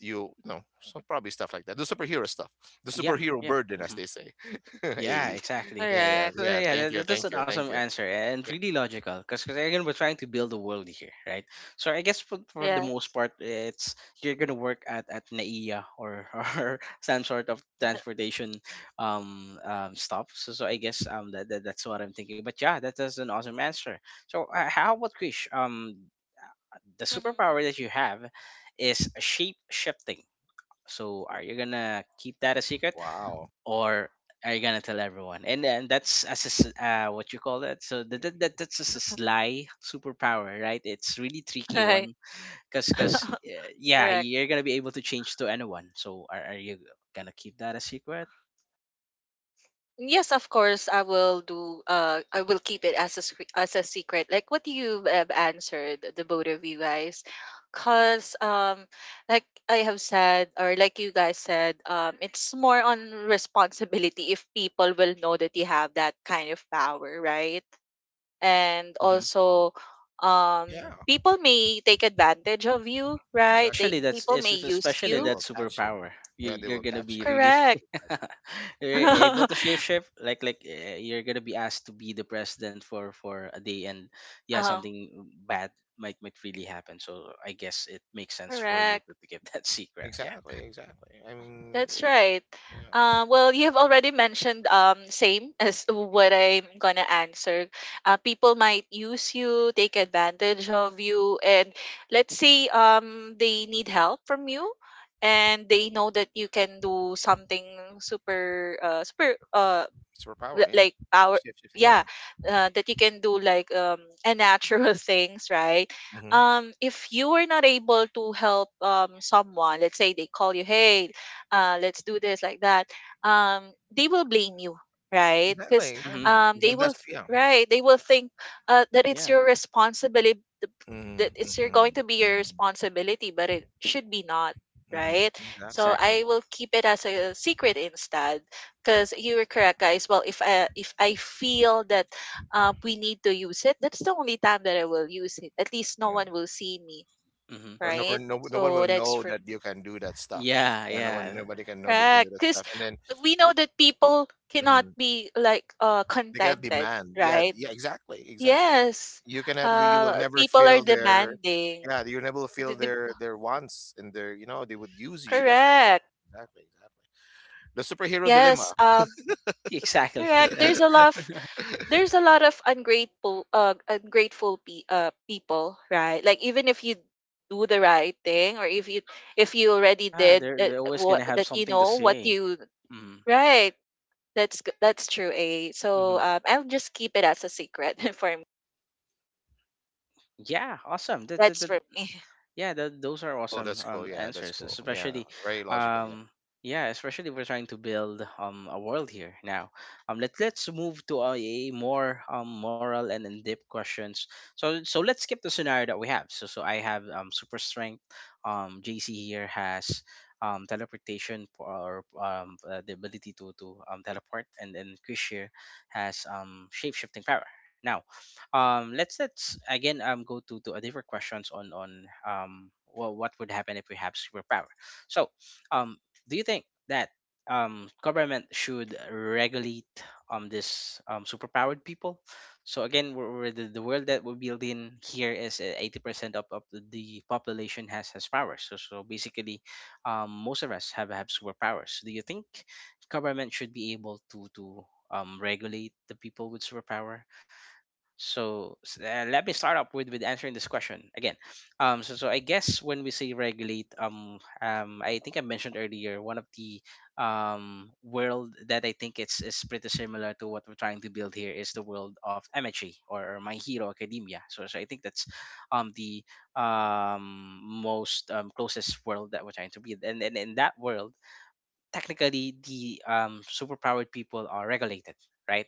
[SPEAKER 2] you know, so probably stuff like that. The superhero stuff, the
[SPEAKER 1] Yeah,
[SPEAKER 2] superhero
[SPEAKER 1] yeah,
[SPEAKER 2] burden, as
[SPEAKER 1] hmm,
[SPEAKER 2] they say.
[SPEAKER 1] yeah,
[SPEAKER 2] Hey,
[SPEAKER 1] exactly.
[SPEAKER 2] yeah, yeah,
[SPEAKER 3] Correct.
[SPEAKER 1] So
[SPEAKER 2] yeah.
[SPEAKER 1] yeah,
[SPEAKER 2] Thank you,
[SPEAKER 1] that's
[SPEAKER 2] thank
[SPEAKER 1] an
[SPEAKER 2] you, thank
[SPEAKER 1] awesome
[SPEAKER 2] you.
[SPEAKER 1] answer and really logical, because again, we're trying to build a world here, right? So I guess for the most
[SPEAKER 3] Yes.
[SPEAKER 1] part, it's you're gonna work at NAIA or or some sort of transportation stop. So I guess that's what I'm thinking. But yeah, that, that's an awesome answer. So how about Krish? The
[SPEAKER 3] Mhm.
[SPEAKER 1] superpower that you have is shape shifting. So are you gonna keep that a secret,
[SPEAKER 2] Wow.
[SPEAKER 1] or are you gonna tell everyone? And then that's as a, what you call that. So that's just a sly superpower, right? It's really tricky
[SPEAKER 3] Right.
[SPEAKER 1] one, cause cause uh, yeah,
[SPEAKER 3] Correct.
[SPEAKER 1] you're gonna be able to change to anyone. So are you gonna keep that a secret?
[SPEAKER 3] Yes, of course, I will do. I will keep it as a scre- as a secret. Like what you have answered, the both of you guys, because like I have said, or like you guys said, it's more on responsibility if people will know that you have that kind of power, right?
[SPEAKER 1] Mm-hmm.
[SPEAKER 3] And
[SPEAKER 1] Mm-hmm.
[SPEAKER 3] also um
[SPEAKER 2] Yeah,
[SPEAKER 3] people may take advantage of you right they
[SPEAKER 1] Especially
[SPEAKER 2] exactly,
[SPEAKER 3] people may
[SPEAKER 2] exactly.
[SPEAKER 3] use
[SPEAKER 1] especially
[SPEAKER 2] They
[SPEAKER 3] you
[SPEAKER 1] that
[SPEAKER 2] will catch you.
[SPEAKER 1] superpower. You,
[SPEAKER 2] Yeah, they
[SPEAKER 1] you're
[SPEAKER 2] will
[SPEAKER 1] gonna
[SPEAKER 2] catch
[SPEAKER 1] be
[SPEAKER 2] you.
[SPEAKER 1] really
[SPEAKER 3] correct.
[SPEAKER 2] Catch you.
[SPEAKER 1] you're
[SPEAKER 2] Yeah, they-
[SPEAKER 1] able
[SPEAKER 3] Uh,
[SPEAKER 1] to shapeshift. Like you're gonna be asked to be the president for a day, and yeah, something bad might really happen. So I guess it makes sense for you
[SPEAKER 3] correct,
[SPEAKER 1] to give that secret. Yeah.
[SPEAKER 2] exactly, exactly. I mean,
[SPEAKER 3] that's right.
[SPEAKER 2] yeah,
[SPEAKER 3] Uh, well you have already mentioned same as what I'm gonna answer. Uh, people might use you take advantage of you and let's say they need help from you and they know that you can do something super
[SPEAKER 2] superpower.
[SPEAKER 3] li-
[SPEAKER 2] Yeah,
[SPEAKER 3] like our
[SPEAKER 2] shift shifting. Yeah.
[SPEAKER 3] yeah that you can do like a natural things right
[SPEAKER 2] Hmm.
[SPEAKER 3] if you were not able to help someone let's say they call you hey let's do this like that um they will blame you right because
[SPEAKER 2] Exactly,
[SPEAKER 1] Hmm.
[SPEAKER 2] exactly.
[SPEAKER 1] Hmm.
[SPEAKER 2] That's, that's yeah.
[SPEAKER 3] right they will think that
[SPEAKER 1] Yeah.
[SPEAKER 3] it's your responsibility that
[SPEAKER 2] Mm-hmm,
[SPEAKER 3] it's your
[SPEAKER 2] mm-hmm,
[SPEAKER 3] going to be your
[SPEAKER 2] mm-hmm,
[SPEAKER 3] responsibility but it should be not
[SPEAKER 2] mm-hmm.
[SPEAKER 3] right
[SPEAKER 2] Exactly.
[SPEAKER 3] so
[SPEAKER 1] Exactly.
[SPEAKER 3] I will keep it as a secret instead because you were correct guys. Well if I feel that we need to use it that's the only time that I will use it at least no
[SPEAKER 2] Yeah.
[SPEAKER 3] one will see me
[SPEAKER 1] Hmm.
[SPEAKER 2] Or no,
[SPEAKER 3] right
[SPEAKER 2] no, no one
[SPEAKER 3] so
[SPEAKER 2] will
[SPEAKER 3] that's
[SPEAKER 2] know
[SPEAKER 3] for
[SPEAKER 2] that
[SPEAKER 3] me
[SPEAKER 2] you can do that stuff.
[SPEAKER 1] Yeah.
[SPEAKER 2] Yeah, no one,
[SPEAKER 1] Yeah.
[SPEAKER 2] nobody can know that we can do
[SPEAKER 3] correct
[SPEAKER 2] that
[SPEAKER 3] because
[SPEAKER 2] stuff. And then
[SPEAKER 3] we know that people cannot
[SPEAKER 2] mhm,
[SPEAKER 3] be like
[SPEAKER 2] they cannot
[SPEAKER 3] contented
[SPEAKER 2] demand. Yeah,
[SPEAKER 3] right
[SPEAKER 2] yeah, exactly, exactly.
[SPEAKER 3] yes
[SPEAKER 2] You cannot. You will never
[SPEAKER 3] people are
[SPEAKER 2] feel their.
[SPEAKER 3] demanding.
[SPEAKER 2] Yeah, you never
[SPEAKER 3] The-
[SPEAKER 2] feel
[SPEAKER 3] the-
[SPEAKER 2] their wants and their. You know, they would use you definitely.
[SPEAKER 3] correct,
[SPEAKER 2] Exactly, exactly. The superhero
[SPEAKER 3] yes
[SPEAKER 2] dilemma.
[SPEAKER 1] Exactly.
[SPEAKER 3] correct
[SPEAKER 1] Right.
[SPEAKER 3] there's a lot of there's a lot of ungrateful ungrateful people right like even if you do the right thing or if you already
[SPEAKER 1] Yeah.
[SPEAKER 3] did that
[SPEAKER 1] They're always
[SPEAKER 3] what
[SPEAKER 1] gonna have
[SPEAKER 3] that you
[SPEAKER 1] something to
[SPEAKER 3] know what
[SPEAKER 1] say.
[SPEAKER 3] you
[SPEAKER 1] Hmm.
[SPEAKER 3] right that's that's true a so
[SPEAKER 1] Hmm.
[SPEAKER 3] I'll just keep it as a secret for me
[SPEAKER 1] Yeah. Awesome. That, that,
[SPEAKER 3] that's
[SPEAKER 1] that
[SPEAKER 3] for me.
[SPEAKER 1] Yeah, those are
[SPEAKER 2] Cool.
[SPEAKER 1] awesome
[SPEAKER 2] That's cool. Yeah, that's
[SPEAKER 1] answers,
[SPEAKER 2] cool. Yeah,
[SPEAKER 1] especially,
[SPEAKER 2] very logical. Yeah.
[SPEAKER 1] um, yeah, especially we're trying to build a world here now. Let let's move to a, more moral and in depth questions. So let's skip the scenario that we have. So I have super strength. JC here has teleportation or the ability to teleport, and then Krish here has shape shifting power. Now let's again go to a different questions on well, what would happen if we have superpower. So um do you think that government should regulate this superpowered people? So again, we're the world that we build in here is 80% of the population has powers. So so basically most of us have superpowers. Do you think government should be able to regulate the people with superpower? So let me start up with answering this question again. So I guess when we say regulate, I think I mentioned earlier one of the world that I think it's is pretty similar to what we're trying to build here is the world of MHA, or My Hero Academia. So I think that's the most closest world that we're trying to build, and in that world technically the superpowered people are regulated, right?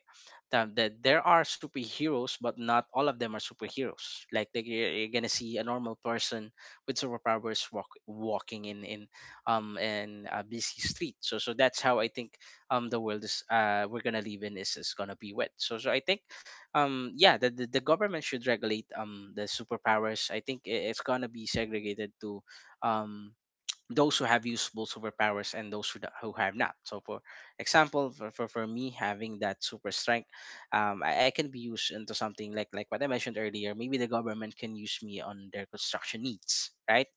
[SPEAKER 1] That there are superheroes, but not all of them are superheroes. Like they, you're gonna see a normal person with superpowers walking in in a busy street. So so that's how I think the world is. Uh, we're gonna live in is gonna be wet. So so I think yeah, the, the government should regulate the superpowers. I think it's gonna be segregated to um those who have usable superpowers and those who, who have not. So, for example, for me having that super strength, I can be used into something like what I mentioned earlier. Maybe the government can use me on their construction needs, right?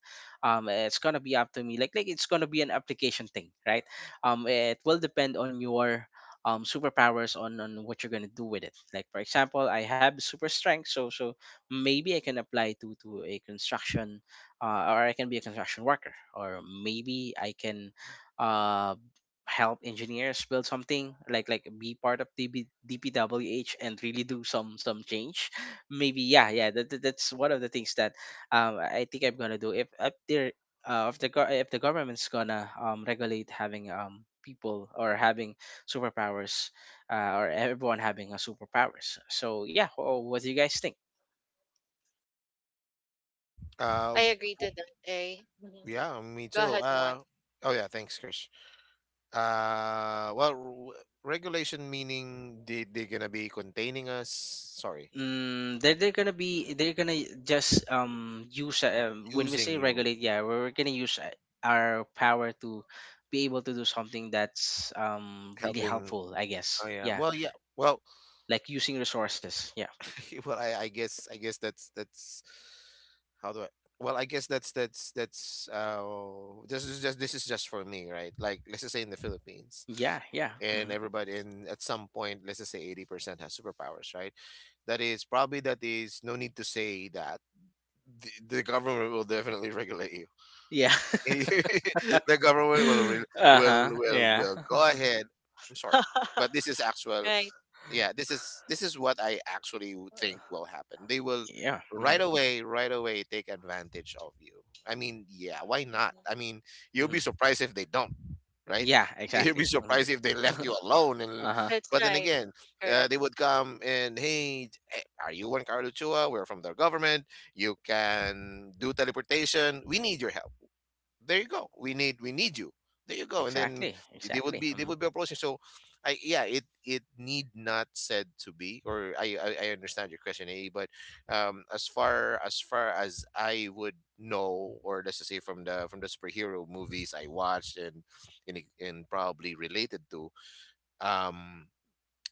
[SPEAKER 1] It's gonna be up to me. Like it's gonna be an application thing, right? It will depend on your superpowers on what you're gonna do with it. Like for example, I have super strength, so so maybe I can apply to a construction, or I can be a construction worker, or maybe I can uh, help engineers build something like be part of DB, DPWH and really do some change. Maybe yeah, yeah, that's one of the things that I think I'm gonna do if there if the if the government's gonna regulate having people or having superpowers, or everyone having a superpowers. So yeah, what do you guys think?
[SPEAKER 2] Uh,
[SPEAKER 3] I agree to
[SPEAKER 2] w-
[SPEAKER 3] that, eh? Mhm.
[SPEAKER 2] yeah, me
[SPEAKER 3] Go
[SPEAKER 2] too.
[SPEAKER 3] ahead, one.
[SPEAKER 2] Oh yeah. Thanks, Chris. Well, regulation meaning they they're gonna be containing us. Sorry,
[SPEAKER 1] Mm, they're gonna be they're gonna just use when we
[SPEAKER 2] using
[SPEAKER 1] say
[SPEAKER 2] you,
[SPEAKER 1] regulate, yeah, we're gonna use, our power to be able to do something that's really
[SPEAKER 2] helping.
[SPEAKER 1] helpful, I
[SPEAKER 2] Oh
[SPEAKER 1] guess.
[SPEAKER 2] yeah.
[SPEAKER 1] Yeah,
[SPEAKER 2] Well, yeah. Well,
[SPEAKER 1] like using resources. Yeah,
[SPEAKER 2] well. I guess, I guess that's how do I. Well, I guess that's this is just, this is just for me, right? Like let's just say in the Philippines,
[SPEAKER 1] yeah, yeah,
[SPEAKER 2] and
[SPEAKER 1] mhm.
[SPEAKER 2] everybody, and at some point, let's just say 80% has superpowers, right? That is probably that is no need to say that the government will definitely regulate you.
[SPEAKER 1] Yeah.
[SPEAKER 2] The government will
[SPEAKER 1] Uh-huh, yeah.
[SPEAKER 2] will go ahead. I'm sorry, but this is actual.
[SPEAKER 3] right.
[SPEAKER 2] Yeah, this is what I actually would think will happen. They will
[SPEAKER 1] Yeah. Hmm.
[SPEAKER 2] right away take advantage of you. I mean, yeah, why not? I
[SPEAKER 3] Mhm.
[SPEAKER 2] mean, you'll be
[SPEAKER 1] Hmm.
[SPEAKER 2] surprised if they don't, right?
[SPEAKER 1] Yeah,
[SPEAKER 2] You'll be
[SPEAKER 1] exactly. Hmm.
[SPEAKER 2] surprised if they left you alone. And
[SPEAKER 1] Uh-huh.
[SPEAKER 3] That's
[SPEAKER 2] but then
[SPEAKER 3] right,
[SPEAKER 2] again, they would come and hey, are you one Carluchua? We're from the government. You can do teleportation. We need your help, there you go, we need, we need you, there you go, and then
[SPEAKER 1] Exactly,
[SPEAKER 2] they would
[SPEAKER 1] exactly.
[SPEAKER 2] be, they
[SPEAKER 1] Hmm.
[SPEAKER 2] would be approaching. So i yeah it, it need not said to be. I understand your question, a, but as far, as far as I would know, or let's just say from the superhero movies I watched, and probably related to um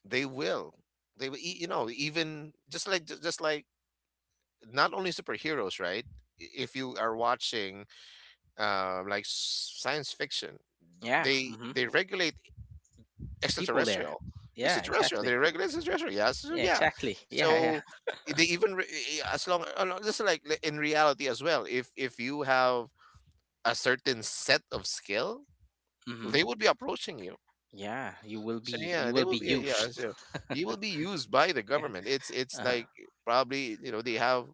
[SPEAKER 2] they will, they will you know, even just like, just like not only superheroes, right? If you are watching like science fiction,
[SPEAKER 1] Yeah. Hmm.
[SPEAKER 2] they regulate
[SPEAKER 1] People there.
[SPEAKER 2] extraterrestrial,
[SPEAKER 1] Yeah,
[SPEAKER 2] extraterrestrial, they
[SPEAKER 1] exactly.
[SPEAKER 2] regulate extraterrestrial, yeah, so so,
[SPEAKER 1] Yeah,
[SPEAKER 2] yeah,
[SPEAKER 1] exactly. Yeah, yeah.
[SPEAKER 2] so they even as long, no, just like in reality as well, if you have a certain set of skill,
[SPEAKER 1] Hmm.
[SPEAKER 2] they would be approaching you.
[SPEAKER 1] Yeah,
[SPEAKER 2] So
[SPEAKER 1] you
[SPEAKER 2] yeah, they
[SPEAKER 1] will be
[SPEAKER 2] will be, yeah,
[SPEAKER 1] used.
[SPEAKER 2] so you will be used by the
[SPEAKER 1] Yeah.
[SPEAKER 2] government. It's
[SPEAKER 1] Uh-huh.
[SPEAKER 2] like probably you know they have,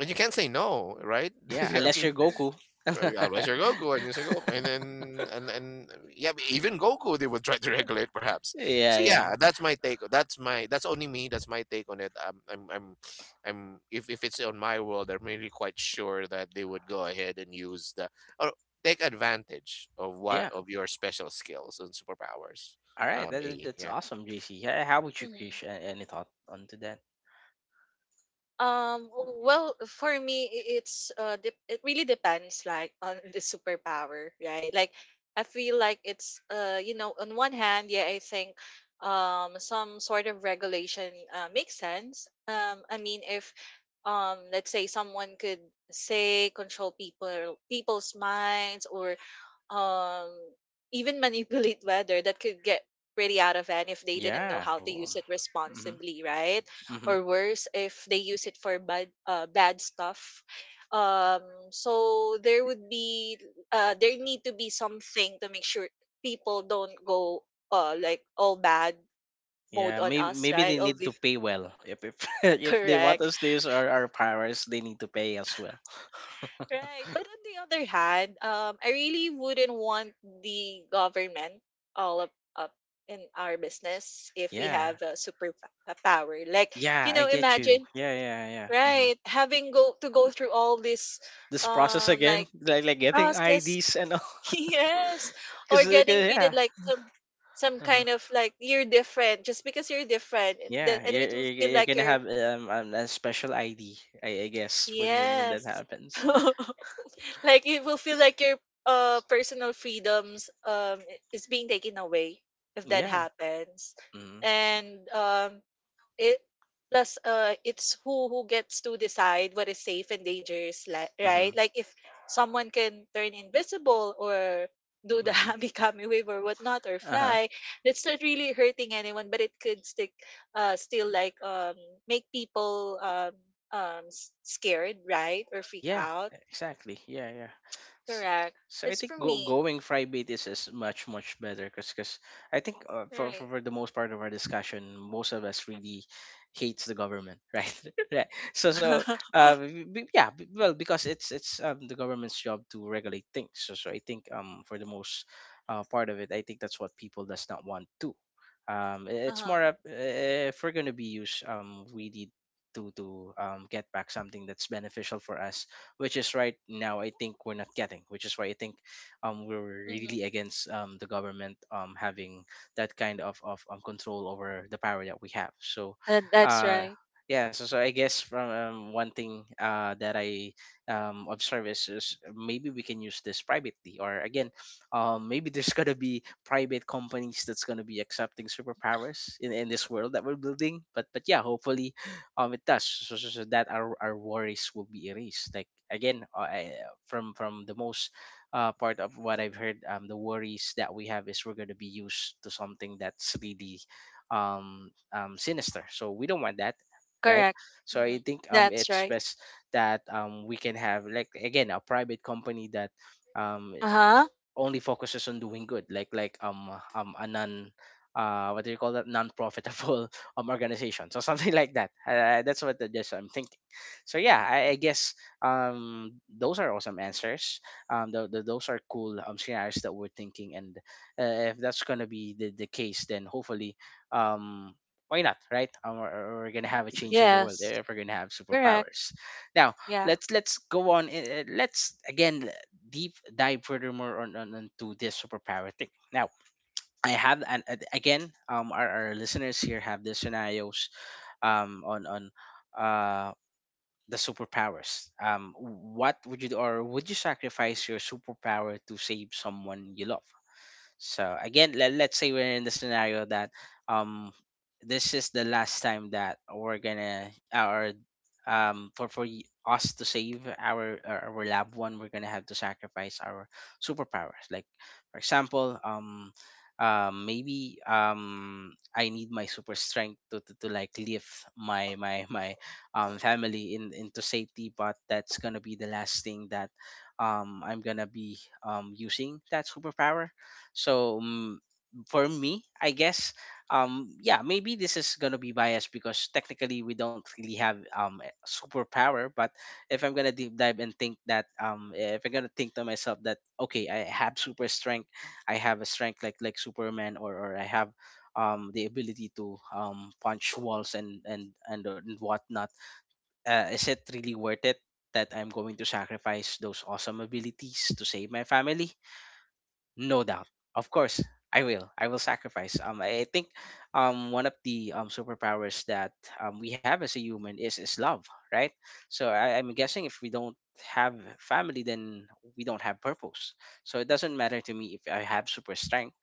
[SPEAKER 2] and you can't say no, right?
[SPEAKER 1] Yeah,
[SPEAKER 2] I
[SPEAKER 1] unless you're
[SPEAKER 2] mean,
[SPEAKER 1] Goku.
[SPEAKER 2] well, yeah, Mr. Goku and Mr. Goku, and then and yeah, but even Goku they would try to regulate perhaps. So
[SPEAKER 1] Yeah,
[SPEAKER 2] yeah,
[SPEAKER 1] yeah.
[SPEAKER 2] that's my take. That's my, that's only me. That's my take on it. I'm, if it's on my world, I'm really quite sure that they would go ahead and use the or take advantage of what
[SPEAKER 1] Yeah.
[SPEAKER 2] of your special skills and superpowers.
[SPEAKER 1] All right. That's
[SPEAKER 2] Yeah,
[SPEAKER 1] awesome, JC. Yeah, how about you,
[SPEAKER 3] correct.
[SPEAKER 1] Krish? A- Any thought onto that?
[SPEAKER 3] Um, well, for me, I- it's dep it really depends, like on the superpower, right? Like, I feel like it's you know, on one hand, yeah, I think some sort of regulation makes sense. I mean, if let's say someone could say control people's minds or um, even manipulate weather that could get pretty out of hand if they didn't know
[SPEAKER 1] Yeah.
[SPEAKER 3] how to
[SPEAKER 1] Oh.
[SPEAKER 3] use it
[SPEAKER 1] Mm-hmm.
[SPEAKER 3] responsibly, right?
[SPEAKER 1] Mm-hmm.
[SPEAKER 3] Or worse, if they use it for bad stuff. Um, so there would be there need to be something to make sure people don't go like all bad mode
[SPEAKER 1] Yeah,
[SPEAKER 3] on
[SPEAKER 1] maybe
[SPEAKER 3] us,
[SPEAKER 1] maybe
[SPEAKER 3] right?
[SPEAKER 1] they
[SPEAKER 3] All
[SPEAKER 1] need to
[SPEAKER 3] this
[SPEAKER 1] pay well. If, if they want
[SPEAKER 3] correct.
[SPEAKER 1] us to use our powers, they need to pay as well.
[SPEAKER 3] Right. But on the other hand, I really wouldn't want the government all up in our business if we
[SPEAKER 1] Yeah.
[SPEAKER 3] have a a power. Like,
[SPEAKER 1] Yeah,
[SPEAKER 3] you
[SPEAKER 1] I
[SPEAKER 3] know,
[SPEAKER 1] get you.
[SPEAKER 3] imagine,
[SPEAKER 1] Yeah, yeah, yeah. Mm-hmm.
[SPEAKER 3] right, having go through all this
[SPEAKER 1] This process
[SPEAKER 3] um
[SPEAKER 1] again,
[SPEAKER 3] like
[SPEAKER 1] like getting
[SPEAKER 3] process,
[SPEAKER 1] IDs and all.
[SPEAKER 3] yes, or
[SPEAKER 1] Because
[SPEAKER 3] getting treated
[SPEAKER 1] yeah,
[SPEAKER 3] like some
[SPEAKER 1] uh-huh.
[SPEAKER 3] kind of like you're different just because you're different. Then
[SPEAKER 1] Yeah,
[SPEAKER 3] and it would feel
[SPEAKER 1] you're
[SPEAKER 3] like
[SPEAKER 1] gonna
[SPEAKER 3] you're
[SPEAKER 1] have a special ID, I guess, when when that
[SPEAKER 3] yes.
[SPEAKER 1] happens.
[SPEAKER 3] Like it will feel like your personal freedoms I- is being taken away if that
[SPEAKER 1] Yeah.
[SPEAKER 3] happens.
[SPEAKER 1] Mm-hmm.
[SPEAKER 3] And it plus it's who gets to decide what is safe and dangerous, li-
[SPEAKER 1] Mm-hmm.
[SPEAKER 3] right? Like if someone can turn invisible or do the
[SPEAKER 1] Mm-hmm.
[SPEAKER 3] Hamikami wave or whatnot or
[SPEAKER 1] Uh-huh.
[SPEAKER 3] fly, that's not really hurting anyone, but it could stick still like make people s- scared, right? Or freak
[SPEAKER 1] Yeah,
[SPEAKER 3] out
[SPEAKER 1] exactly. Yeah, yeah. So,
[SPEAKER 3] correct.
[SPEAKER 1] I
[SPEAKER 3] It's
[SPEAKER 1] think,
[SPEAKER 3] for me.
[SPEAKER 1] going private is much much better, because I think
[SPEAKER 3] Right.
[SPEAKER 1] for the most part of our discussion, most of us really hates the government, right? Right. So yeah, well, because it's the government's job to regulate things. So so I think for the most part of it, I think that's what people does not want to. It's
[SPEAKER 3] uh-huh.
[SPEAKER 1] more of, if we're gonna be used, we need to get back something that's beneficial for us, which is right now I think we're not getting, which is why I think we're really
[SPEAKER 3] Mm-hmm.
[SPEAKER 1] against the government having that kind of control over the power that we have. So,
[SPEAKER 3] That, that's
[SPEAKER 1] uh,
[SPEAKER 3] right.
[SPEAKER 1] yeah, so, so I guess from one thing that I observe is maybe we can use this privately, or again, maybe there's gonna be private companies that's gonna be accepting superpowers in this world that we're building. But yeah, hopefully, it does so, so, so that our worries will be erased. Like again from the most part of what I've heard, the worries that we have is we're going to be used to something that's really sinister, so we don't want that, right.
[SPEAKER 3] Correct.
[SPEAKER 1] So
[SPEAKER 3] Mm-hmm.
[SPEAKER 1] I think
[SPEAKER 3] That's
[SPEAKER 1] it's
[SPEAKER 3] right.
[SPEAKER 1] best that we can have, like, again, a private company that um,
[SPEAKER 3] Uh-huh.
[SPEAKER 1] only focuses on doing good, like like a non what do you call that, non-profitable organization, so something like that. That's just I'm thinking. So yeah, I guess those are awesome answers. Those are cool scenarios that we're thinking. And if that's gonna be the case, then hopefully, um why not, right? We're gonna have a change in the world
[SPEAKER 3] Yes.
[SPEAKER 1] if we're gonna have
[SPEAKER 3] Correct.
[SPEAKER 1] superpowers now.
[SPEAKER 3] Yeah.
[SPEAKER 1] Let's go on, let's again deep dive furthermore on onto this superpower thing. Now, I have, and again, our listeners here have the scenarios, on, uh, the superpowers. What would you do, or would you sacrifice your superpower to save someone you love? So again, let's say we're in the scenario that um this is the last time that we're gonna, or us to save our our loved one, we're gonna have to sacrifice our superpowers. Like for example, maybe I need my super strength to, to like lift my my family into safety, but that's gonna be the last thing that I'm gonna be using that superpower. So for me, I guess, yeah, maybe this is gonna be biased because technically we don't really have a superpower. But if I'm gonna deep dive and think that, if I'm gonna think to myself that, okay, I have super strength, I have a strength like Superman, or I have the ability to punch walls and whatnot. Is it really worth it that I'm going to sacrifice those awesome abilities to save my family? No doubt. Of course, I will. I will sacrifice. I think one of the superpowers that we have as a human is love, right? So I'm guessing if we don't have family, then we don't have purpose. So it doesn't matter to me if I have super strength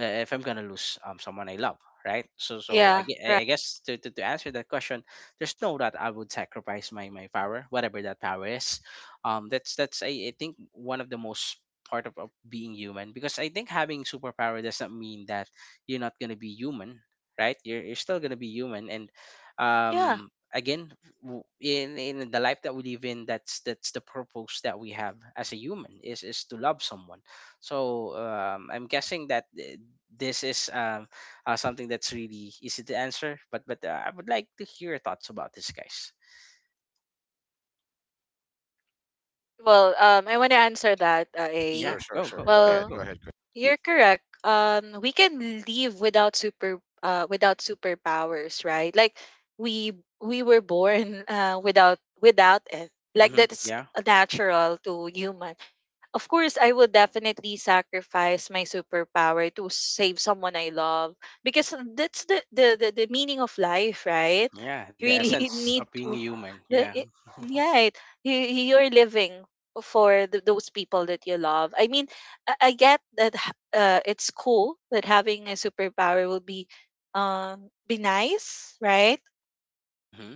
[SPEAKER 1] if I'm gonna lose someone I love, right? So so I,
[SPEAKER 3] Yeah.
[SPEAKER 1] gue-
[SPEAKER 3] Right.
[SPEAKER 1] I I guess to answer that question, there's no that I would sacrifice my my power, whatever that power is. I think one of the most part of being human, because I think having superpower doesn't mean that you're not gonna be human, right? You're still gonna be human, and
[SPEAKER 3] Yeah.
[SPEAKER 1] um again in the life that we live in, that's the purpose that we have as a human, is to love someone. So I'm guessing that this is something that's really easy to answer. But I would like to hear your thoughts about this, guys.
[SPEAKER 3] Well, I want to answer that, A.
[SPEAKER 1] Yeah,
[SPEAKER 2] sure, sure,
[SPEAKER 1] go
[SPEAKER 2] sure.
[SPEAKER 1] go
[SPEAKER 2] Go
[SPEAKER 1] go
[SPEAKER 2] ahead,
[SPEAKER 3] Well,
[SPEAKER 2] go
[SPEAKER 1] go.
[SPEAKER 2] ahead.
[SPEAKER 3] you're correct. We can live without super, without superpowers, right? Like we we were born without without it. Like
[SPEAKER 1] Hmm.
[SPEAKER 3] that's
[SPEAKER 1] Yeah,
[SPEAKER 3] natural to human. Of course, I would definitely sacrifice my superpower to save someone I love because that's the meaning of life, right?
[SPEAKER 1] yeah,
[SPEAKER 3] You
[SPEAKER 1] the
[SPEAKER 3] really
[SPEAKER 1] essence of
[SPEAKER 3] need
[SPEAKER 1] being a
[SPEAKER 3] to,
[SPEAKER 1] human.
[SPEAKER 3] the,
[SPEAKER 1] Yeah.
[SPEAKER 3] it, right? You, you're living for th those people that you love. I mean, I get that h- it's cool that having a superpower will be nice, right?
[SPEAKER 1] Mm-hmm.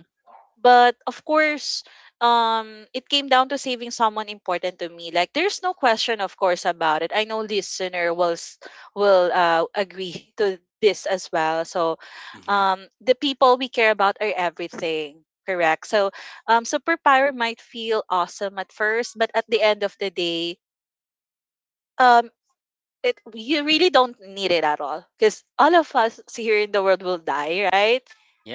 [SPEAKER 3] But of course, it came down to saving someone important to me. Like there's no question, of course, about it. I know listener will s- will agree to this as well. So,
[SPEAKER 1] Mm-hmm.
[SPEAKER 3] the people we care about are everything. Correct. So, superpower might feel awesome at first, but at the end of the day, um, it you really don't need it at all because all of us here in the world will die, right?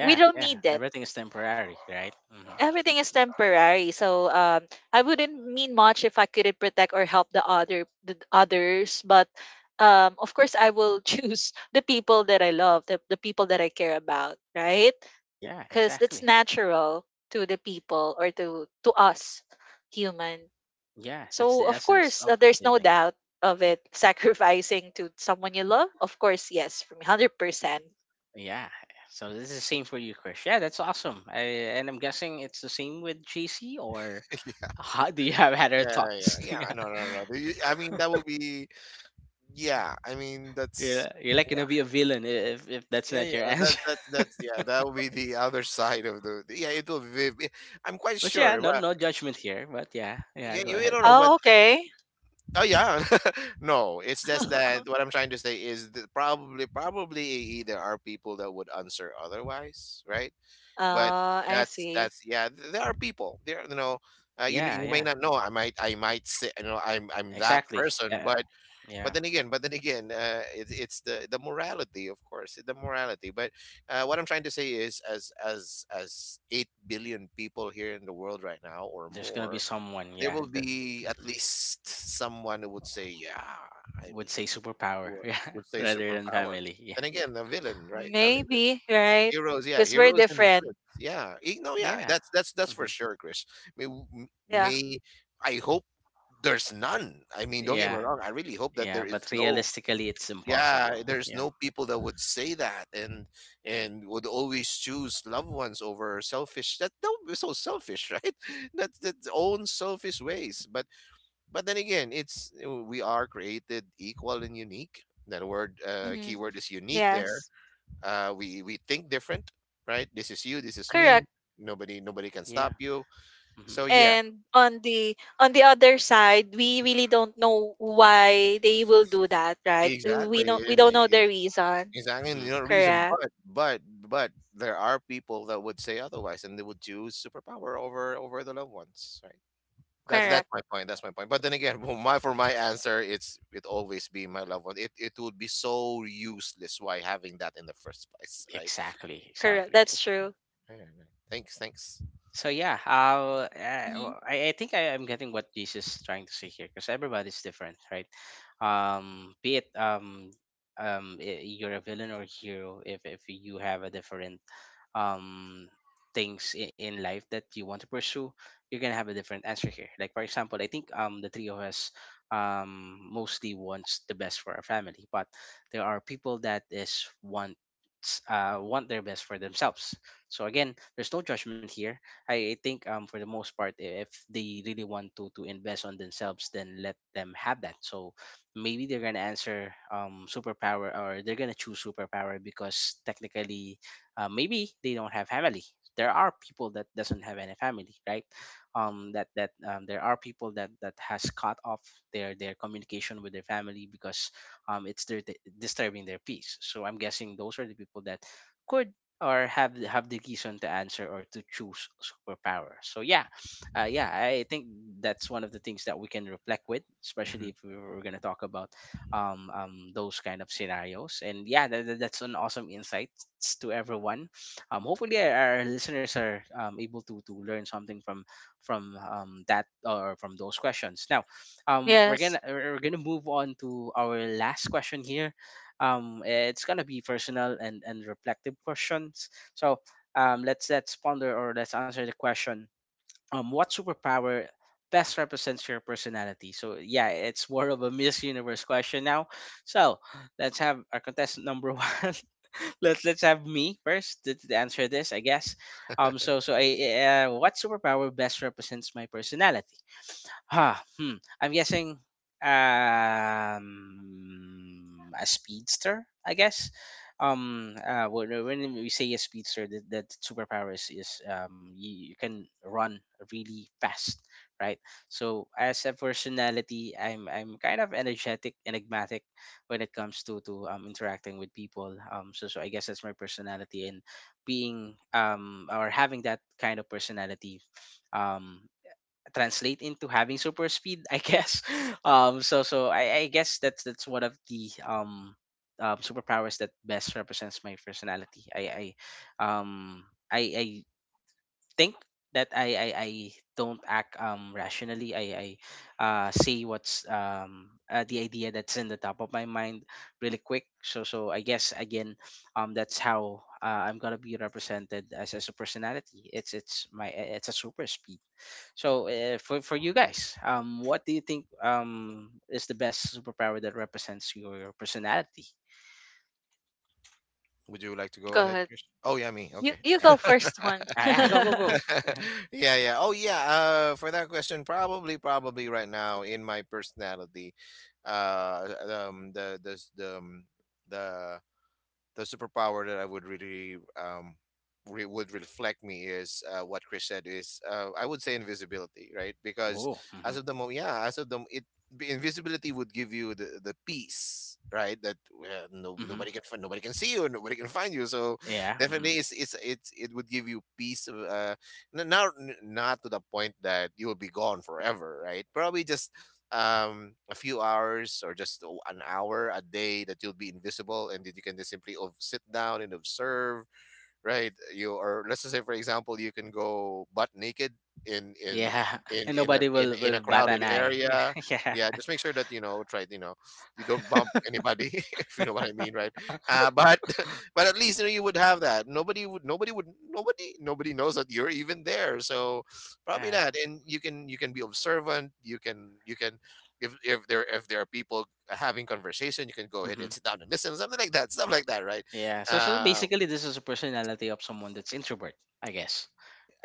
[SPEAKER 3] We don't
[SPEAKER 1] yeah.
[SPEAKER 3] need it
[SPEAKER 1] Everything is temporary, right? Hmm.
[SPEAKER 3] everything is temporary. So I wouldn't mean much if I couldn't protect or help the other the others. But of course, I will choose the people that I love, the people that I care about, right?
[SPEAKER 1] Yeah,
[SPEAKER 3] Because it's
[SPEAKER 1] exactly.
[SPEAKER 3] natural to the people or to us human.
[SPEAKER 1] Yeah, that's the
[SPEAKER 3] So of
[SPEAKER 1] essence
[SPEAKER 3] course,
[SPEAKER 1] of
[SPEAKER 3] there's no
[SPEAKER 1] living.
[SPEAKER 3] doubt of it. Sacrificing to someone you love, of course, yes, for me, 100%.
[SPEAKER 1] Yeah. So this is the same for you, Chris. Yeah, that's awesome. I, and I'm guessing it's the same with JC, or
[SPEAKER 2] Chris.
[SPEAKER 1] how do you have other
[SPEAKER 2] Yeah, yeah,
[SPEAKER 1] thoughts?
[SPEAKER 2] yeah.
[SPEAKER 1] Yeah.
[SPEAKER 2] No, no, no, no. I mean, that would be. Yeah, I mean, that's.
[SPEAKER 1] You're like gonna be a villain, if that's
[SPEAKER 2] Yeah,
[SPEAKER 1] not your
[SPEAKER 2] yeah, that
[SPEAKER 1] answer.
[SPEAKER 2] that's yeah, that would be the other side of the yeah. It will be. I'm quite
[SPEAKER 1] But yeah,
[SPEAKER 2] sure.
[SPEAKER 1] no,
[SPEAKER 2] Well,
[SPEAKER 1] no judgment here. But yeah, yeah,
[SPEAKER 2] yeah,
[SPEAKER 1] go
[SPEAKER 2] you
[SPEAKER 1] ahead.
[SPEAKER 2] don't know what.
[SPEAKER 3] Oh, okay.
[SPEAKER 2] Oh yeah, no. It's just that what I'm trying to say is that probably there are people that would answer otherwise, right? But
[SPEAKER 3] I see.
[SPEAKER 2] that's yeah. There are people. There, you know. You
[SPEAKER 1] Yeah,
[SPEAKER 2] you may
[SPEAKER 1] yeah,
[SPEAKER 2] not know. I might say, you know, I'm that
[SPEAKER 1] exactly.
[SPEAKER 2] person,
[SPEAKER 1] Yeah, yeah.
[SPEAKER 2] but then again, it, it's the morality, of course, the morality. But what I'm trying to say is, as 8 billion people here in the world right now, or
[SPEAKER 1] There's gonna be
[SPEAKER 2] more,
[SPEAKER 1] someone,
[SPEAKER 2] there
[SPEAKER 1] yeah,
[SPEAKER 2] will
[SPEAKER 1] that
[SPEAKER 2] be at
[SPEAKER 1] mhm,
[SPEAKER 2] least someone who would say, "Yeah, I
[SPEAKER 1] would
[SPEAKER 2] mean,"
[SPEAKER 1] say superpower,
[SPEAKER 2] or
[SPEAKER 1] yeah,
[SPEAKER 2] would say
[SPEAKER 1] rather than
[SPEAKER 2] superpower.
[SPEAKER 1] family. Yeah,
[SPEAKER 2] And again, a villain, right? A villain.
[SPEAKER 3] Maybe, right?
[SPEAKER 2] Heroes, yeah,
[SPEAKER 3] Because we're
[SPEAKER 2] heroes and
[SPEAKER 3] different.
[SPEAKER 2] villains, yeah. No, yeah,
[SPEAKER 1] yeah,
[SPEAKER 2] that's for
[SPEAKER 1] mhm.
[SPEAKER 2] sure, Chris.
[SPEAKER 3] Yeah.
[SPEAKER 2] May I hope there's none. I mean, don't get me
[SPEAKER 1] Yeah,
[SPEAKER 2] wrong. I really hope that there
[SPEAKER 1] yeah.
[SPEAKER 2] is
[SPEAKER 1] But
[SPEAKER 2] no
[SPEAKER 1] realistically, it's
[SPEAKER 2] yeah
[SPEAKER 1] impossible.
[SPEAKER 2] there's
[SPEAKER 1] Yeah,
[SPEAKER 2] no people that would say that and would always choose loved ones over selfish, that would be so selfish, right? That's own selfish ways, but then again, it's we are created equal and unique. That word,
[SPEAKER 3] Hmm.
[SPEAKER 2] keyword is unique there.
[SPEAKER 3] Yes.
[SPEAKER 2] We think different. Right, this is you, this is me.
[SPEAKER 3] Correct.
[SPEAKER 2] nobody
[SPEAKER 1] yeah,
[SPEAKER 2] nobody can stop
[SPEAKER 1] yeah.
[SPEAKER 2] you.
[SPEAKER 1] Hmm.
[SPEAKER 2] So yeah.
[SPEAKER 3] And on the other side, we really don't know why they will do that, right? We
[SPEAKER 2] Exactly.
[SPEAKER 3] know we
[SPEAKER 2] and,
[SPEAKER 3] don't know
[SPEAKER 2] eh,
[SPEAKER 3] the reason.
[SPEAKER 2] Exactly, and
[SPEAKER 1] Hmm.
[SPEAKER 2] you know reason,
[SPEAKER 3] Correct.
[SPEAKER 2] but there are people that would say otherwise, and they would choose superpower over the loved ones, right? That's
[SPEAKER 3] Correct.
[SPEAKER 2] my point. That's my point. But then again, for my answer, it's it always be my loved one. It would be so useless why having that in the first place, right?
[SPEAKER 1] Exactly,
[SPEAKER 2] All right.
[SPEAKER 3] Correct.
[SPEAKER 1] exactly.
[SPEAKER 3] That's true.
[SPEAKER 2] All right. All right. Thanks. Thanks.
[SPEAKER 1] So yeah,
[SPEAKER 3] Mhm.
[SPEAKER 1] well, I think I am getting what Jesus is trying to say here, because everybody's different, right? Be it you're a villain or hero. If you have a different um things in life that you want to pursue, you're gonna have a different answer here. Like for example, I think the three of us mostly wants the best for our family, but there are people that is wants want their best for themselves. So again, there's no judgment here. I think for the most part, if they really want to invest on themselves, then let them have that. So maybe they're gonna answer superpower, or they're gonna choose superpower, because technically, maybe they don't have family. There are people that doesn't have any family, right? That that there are people that has cut off their communication with their family, because it's their disturbing their peace. So I'm guessing those are the people that could or have have the decision to answer or to choose superpower. So yeah, yeah, I think that's one of the things that we can reflect with,
[SPEAKER 2] Mhm.
[SPEAKER 1] especially if we're gonna talk about those kind of scenarios. And yeah, that's an awesome insight to everyone. Hopefully our listeners are able to learn something from that, or from those questions. Now,
[SPEAKER 3] Yes.
[SPEAKER 1] we're gonna move on to our last question here. It's gonna be personal and reflective questions. So let's ponder, or let's answer the question, what superpower best represents your personality? So yeah, it's more of a Miss Universe question now. So let's have our contestant number one. Let's have me first to answer this, I guess. What superpower best represents my personality? Huh. Hmm. I'm guessing a speedster, I guess. When we say a speedster, that, that superpower is, you, you can run really fast, right? So as a personality, I'm kind of energetic, enigmatic when it comes to interacting with people. Um, so so I guess that's my personality, and being um, or having that kind of personality, um translate into having super speed, I guess. I guess that's one of the superpowers that best represents my personality. I um I think that I don't act rationally. I say what's the idea that's in the top of my mind really quick. So so I guess again that's how I'm gonna be represented as a personality. It's a super speed. So for you guys, what do you think is the best superpower that represents your personality?
[SPEAKER 2] Would you like to go
[SPEAKER 3] Go
[SPEAKER 2] ahead,
[SPEAKER 3] ahead.
[SPEAKER 2] Chris? Oh yeah, me.
[SPEAKER 3] You
[SPEAKER 2] Okay.
[SPEAKER 3] you go
[SPEAKER 1] Yeah,
[SPEAKER 3] first one.
[SPEAKER 1] yeah, go go.
[SPEAKER 2] Yeah, yeah. Oh yeah. For that question, probably, probably right now in my personality, uh, um, the the the um, the the superpower that I would really would reflect me is what Chris said is I would say invisibility, right? Because
[SPEAKER 1] Oh, mm-hmm.
[SPEAKER 2] as of the moment, yeah, as of the it b- invisibility would give you the peace, right? That no
[SPEAKER 1] Mm-hmm.
[SPEAKER 2] nobody can fi- nobody can see you, nobody can find you. So
[SPEAKER 1] Yeah. Mm-hmm.
[SPEAKER 2] definitely, it's it would give you peace. Of, n- not to the point that you will be gone forever, right? Probably just a few hours or just o- an hour a day that you'll be invisible, and that you can just simply ov- sit down and observe, right? You, or let's just say, for example, you can go butt naked in in
[SPEAKER 1] Yeah,
[SPEAKER 2] in
[SPEAKER 1] and
[SPEAKER 2] in a
[SPEAKER 1] nobody
[SPEAKER 2] in, in
[SPEAKER 1] will
[SPEAKER 2] a
[SPEAKER 1] bat an
[SPEAKER 2] crowded
[SPEAKER 1] eye.
[SPEAKER 2] area.
[SPEAKER 1] Yeah,
[SPEAKER 2] Yeah, just make sure that you know, try you know, you don't bump anybody, if you know what I mean, right? But but at least you know you would have that. Nobody would nobody would nobody nobody knows that you're even there. So probably
[SPEAKER 1] yeah. Yeah.
[SPEAKER 2] that, and you can be observant. You can if there are people having conversation, you can go ahead and
[SPEAKER 1] Hmm.
[SPEAKER 2] sit down and listen, something like that, stuff like that, right?
[SPEAKER 1] Yeah. so so
[SPEAKER 2] Um,
[SPEAKER 1] basically, this is a personality of someone that's introvert, I guess,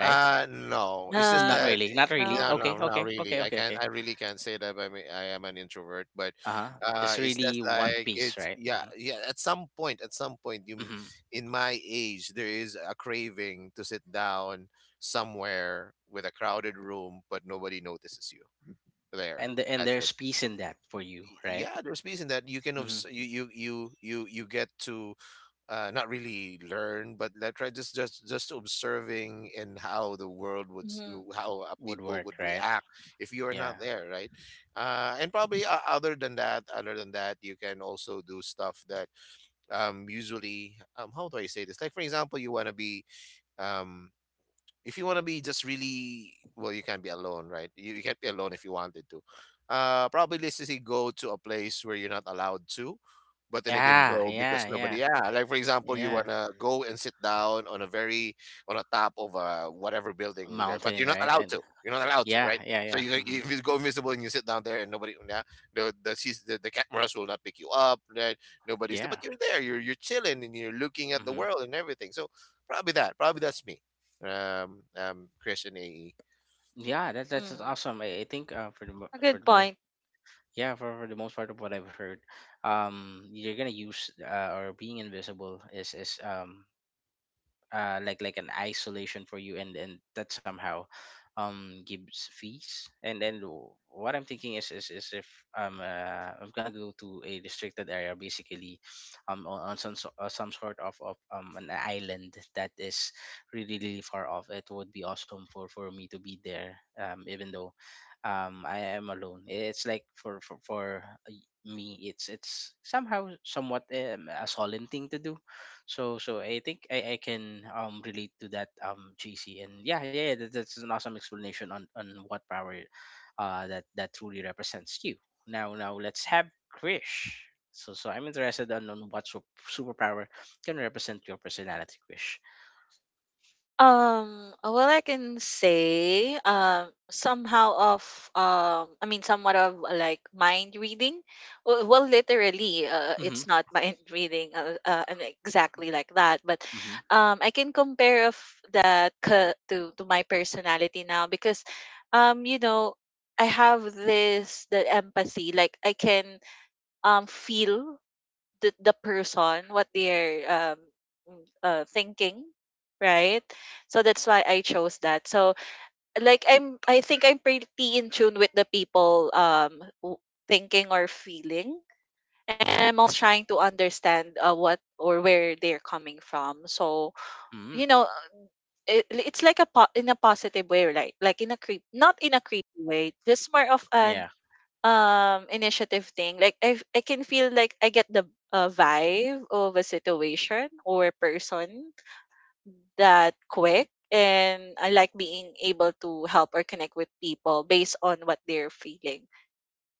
[SPEAKER 1] right?
[SPEAKER 2] no, it's just
[SPEAKER 1] Not
[SPEAKER 3] um
[SPEAKER 2] that
[SPEAKER 1] really, not really.
[SPEAKER 3] no.
[SPEAKER 2] no,
[SPEAKER 1] Okay,
[SPEAKER 2] no, not
[SPEAKER 1] okay, okay,
[SPEAKER 2] really. I
[SPEAKER 1] okay,
[SPEAKER 2] can't.
[SPEAKER 1] okay.
[SPEAKER 2] I really can't say that. I mean, I am an introvert, but
[SPEAKER 1] Uh huh. Just
[SPEAKER 2] it's
[SPEAKER 1] really
[SPEAKER 2] just
[SPEAKER 1] want
[SPEAKER 2] like
[SPEAKER 1] peace,
[SPEAKER 2] it's
[SPEAKER 1] right?
[SPEAKER 2] yeah,
[SPEAKER 1] Hmm.
[SPEAKER 2] yeah. At some point, you m-
[SPEAKER 1] Hmm.
[SPEAKER 2] in my age, there is a craving to sit down somewhere with a crowded room, but nobody notices you
[SPEAKER 1] Yeah,
[SPEAKER 2] there.
[SPEAKER 1] and the, and
[SPEAKER 2] That's it.
[SPEAKER 1] there's peace in that for you,
[SPEAKER 2] Y-
[SPEAKER 1] right?
[SPEAKER 2] Yeah, there's peace in that. You can
[SPEAKER 1] Mm-hmm.
[SPEAKER 2] obs- you you get to not really learn, but like try just observing in how the world would s-
[SPEAKER 3] Mm-hmm.
[SPEAKER 2] how
[SPEAKER 1] Would
[SPEAKER 2] people
[SPEAKER 1] work,
[SPEAKER 2] would
[SPEAKER 1] right?
[SPEAKER 2] react if you are
[SPEAKER 1] Yeah,
[SPEAKER 2] not there, right? And probably other than that, you can also do stuff that usually how do I say this? Like for example, you want to be um, if you want to be just really well, you can't be alone, right? You can't be alone if you wanted to probably, let's just say, go to a place where you're not allowed to, but then again
[SPEAKER 1] yeah,
[SPEAKER 2] go, because
[SPEAKER 1] yeah,
[SPEAKER 2] nobody
[SPEAKER 1] yeah,
[SPEAKER 2] yeah, like for example, you
[SPEAKER 1] yeah.
[SPEAKER 2] want to go and sit down on a very on a top of a whatever building there, but
[SPEAKER 1] Mountain,
[SPEAKER 2] you're not
[SPEAKER 1] right? And
[SPEAKER 2] allowed to, you're not allowed to,
[SPEAKER 1] yeah,
[SPEAKER 2] right? So
[SPEAKER 1] yeah. Hmm.
[SPEAKER 2] you, if you go invisible and you sit down there and nobody, yeah, the sis- the cameras will not pick you up, right? Nobody's there,
[SPEAKER 1] Yeah.
[SPEAKER 2] but you're there, you're chilling and you're looking at the
[SPEAKER 1] Mm-hmm.
[SPEAKER 2] world and everything. So probably that, probably that's me, Chris and AE.
[SPEAKER 1] Yeah, that that's just
[SPEAKER 3] Mm-hmm.
[SPEAKER 1] awesome. I think for the
[SPEAKER 3] A
[SPEAKER 1] for the
[SPEAKER 3] good
[SPEAKER 1] most,
[SPEAKER 3] point.
[SPEAKER 1] yeah, for the most part of what I've heard, you're gonna use or being invisible is like an isolation for you, and that somehow gives fees, and then what I'm thinking is is, if I'm gonna go to a restricted area, basically on some some sort of an island that is really really far off, it would be awesome for me to be there, even though I am alone. It's like for me, it's somehow, somewhat a solemn thing to do. So so I think I can relate to that, um, JC. And yeah, yeah, yeah, that, that's an awesome explanation on what power that that truly represents you. Now now let's have Krish. So so I'm interested on what superpower can represent your personality, Krish.
[SPEAKER 3] Well, I can say, somehow of, I mean, somewhat of like mind reading. Well, well literally, it's
[SPEAKER 1] Mhm,
[SPEAKER 3] not mind reading, and exactly like that. But,
[SPEAKER 1] mhm,
[SPEAKER 3] I can compare of that ca- to my personality now because, you know, I have this the empathy. Like I can feel the person what they're mm, thinking right so that's why I chose that so like I'm I think I'm pretty in tune with the people w- thinking or feeling and I'm also trying to understand what or where they're coming from so
[SPEAKER 1] mhm.
[SPEAKER 3] you know it, it's like a po- in a positive way right like in a creep not in a creepy way just more of an
[SPEAKER 1] Yeah,
[SPEAKER 3] initiative thing like I can feel like I get the vibe of a situation or person that quick and I like being able to help or connect with people based on what they're feeling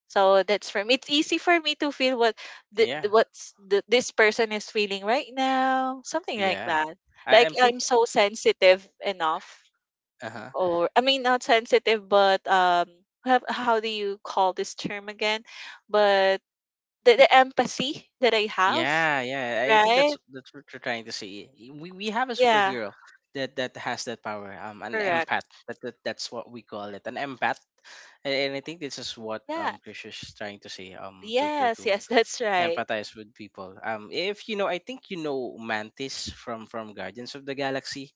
[SPEAKER 3] so that's for me it's easy for me to feel what
[SPEAKER 1] yeah,
[SPEAKER 3] the what's the, this person is feeling right now something like
[SPEAKER 1] yeah.
[SPEAKER 3] that
[SPEAKER 1] I
[SPEAKER 3] like
[SPEAKER 1] I'm
[SPEAKER 3] I'm
[SPEAKER 1] think
[SPEAKER 3] so sensitive enough
[SPEAKER 1] uh huh.
[SPEAKER 3] or I mean not sensitive but have, how do you call this term again but the empathy that I have,
[SPEAKER 1] Yeah, yeah. I think
[SPEAKER 3] right?
[SPEAKER 1] that's what you're trying to say. We have a
[SPEAKER 3] Yeah,
[SPEAKER 1] superhero that that has that power. An
[SPEAKER 3] correct.
[SPEAKER 1] empath. That, that's what we call it. An empath. And I think this is what
[SPEAKER 3] Yeah.
[SPEAKER 1] Chris is trying to say. To to
[SPEAKER 3] Yes,
[SPEAKER 1] to
[SPEAKER 3] yes, that's right.
[SPEAKER 1] empathize with people. If you know, I think you know Mantis from Guardians of the Galaxy.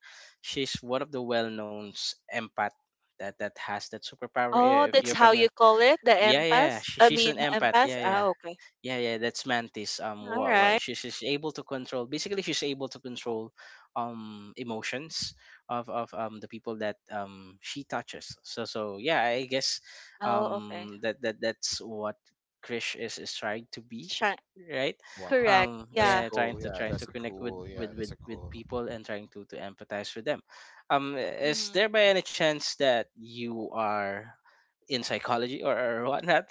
[SPEAKER 1] She's one of the well-known empath that has that superpower.
[SPEAKER 3] Oh,
[SPEAKER 1] If
[SPEAKER 3] that's
[SPEAKER 1] you're
[SPEAKER 3] how you
[SPEAKER 1] familiar,
[SPEAKER 3] call it, the
[SPEAKER 1] yeah, yeah.
[SPEAKER 3] empath?
[SPEAKER 1] She,
[SPEAKER 3] I
[SPEAKER 1] she's an
[SPEAKER 3] mean,
[SPEAKER 1] empath.
[SPEAKER 3] empath?
[SPEAKER 1] Yeah,
[SPEAKER 3] Ah,
[SPEAKER 1] yeah.
[SPEAKER 3] okay.
[SPEAKER 1] Yeah, yeah, that's Mantis.
[SPEAKER 3] All right.
[SPEAKER 1] She's able to control. Basically, she's able to control, emotions of the people that she touches. So so yeah, I guess,
[SPEAKER 3] Oh, okay.
[SPEAKER 1] that's what Krish is trying to be,
[SPEAKER 3] Chi-
[SPEAKER 1] right?
[SPEAKER 2] Wow.
[SPEAKER 3] correct.
[SPEAKER 2] That's a
[SPEAKER 3] Yeah.
[SPEAKER 1] Yeah,
[SPEAKER 2] cool, yeah,
[SPEAKER 1] trying
[SPEAKER 2] that's
[SPEAKER 1] to
[SPEAKER 2] a
[SPEAKER 1] connect
[SPEAKER 2] cool, yeah, that's a
[SPEAKER 1] with
[SPEAKER 2] cool.
[SPEAKER 1] people and trying to empathize with them. Is
[SPEAKER 3] Mm-hmm.
[SPEAKER 1] there by any chance that you are in psychology, or whatnot?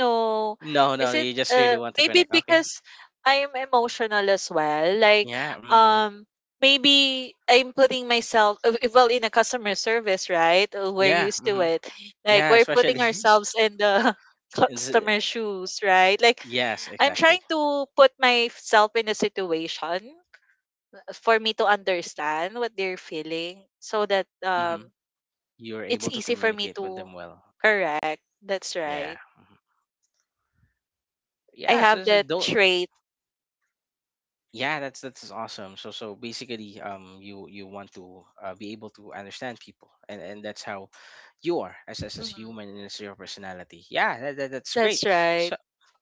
[SPEAKER 3] No.
[SPEAKER 1] No, no,
[SPEAKER 3] Is it
[SPEAKER 1] you just really want to
[SPEAKER 3] maybe
[SPEAKER 1] connect. Okay.
[SPEAKER 3] because I am emotional as well. Like
[SPEAKER 1] Yeah. Mhm.
[SPEAKER 3] um maybe I'm putting myself well in a customer service, right? We're
[SPEAKER 1] Yeah.
[SPEAKER 3] used to
[SPEAKER 1] Hmm.
[SPEAKER 3] it. Like
[SPEAKER 1] Yeah.
[SPEAKER 3] we're putting
[SPEAKER 1] Especially.
[SPEAKER 3] ourselves in the
[SPEAKER 1] it's, uh,
[SPEAKER 3] customer shoes, right? Like
[SPEAKER 1] yes.
[SPEAKER 3] I'm
[SPEAKER 1] Exactly.
[SPEAKER 3] trying to put myself in a situation for me to understand what they're feeling so that
[SPEAKER 1] hmm You're able to
[SPEAKER 3] it's easy for
[SPEAKER 1] communicate
[SPEAKER 3] me
[SPEAKER 1] with them
[SPEAKER 3] to
[SPEAKER 1] well.
[SPEAKER 3] correct. That's
[SPEAKER 1] Yeah.
[SPEAKER 3] right.
[SPEAKER 1] Yeah.
[SPEAKER 3] I
[SPEAKER 1] So, so
[SPEAKER 3] have that
[SPEAKER 1] don't.
[SPEAKER 3] trait.
[SPEAKER 1] Yeah. That's awesome. So so basically, you you want to be able to understand people, and that's how you are as
[SPEAKER 3] Mm-hmm.
[SPEAKER 1] human and as your personality. Yeah. That, that, that's great.
[SPEAKER 3] That's right.
[SPEAKER 1] So,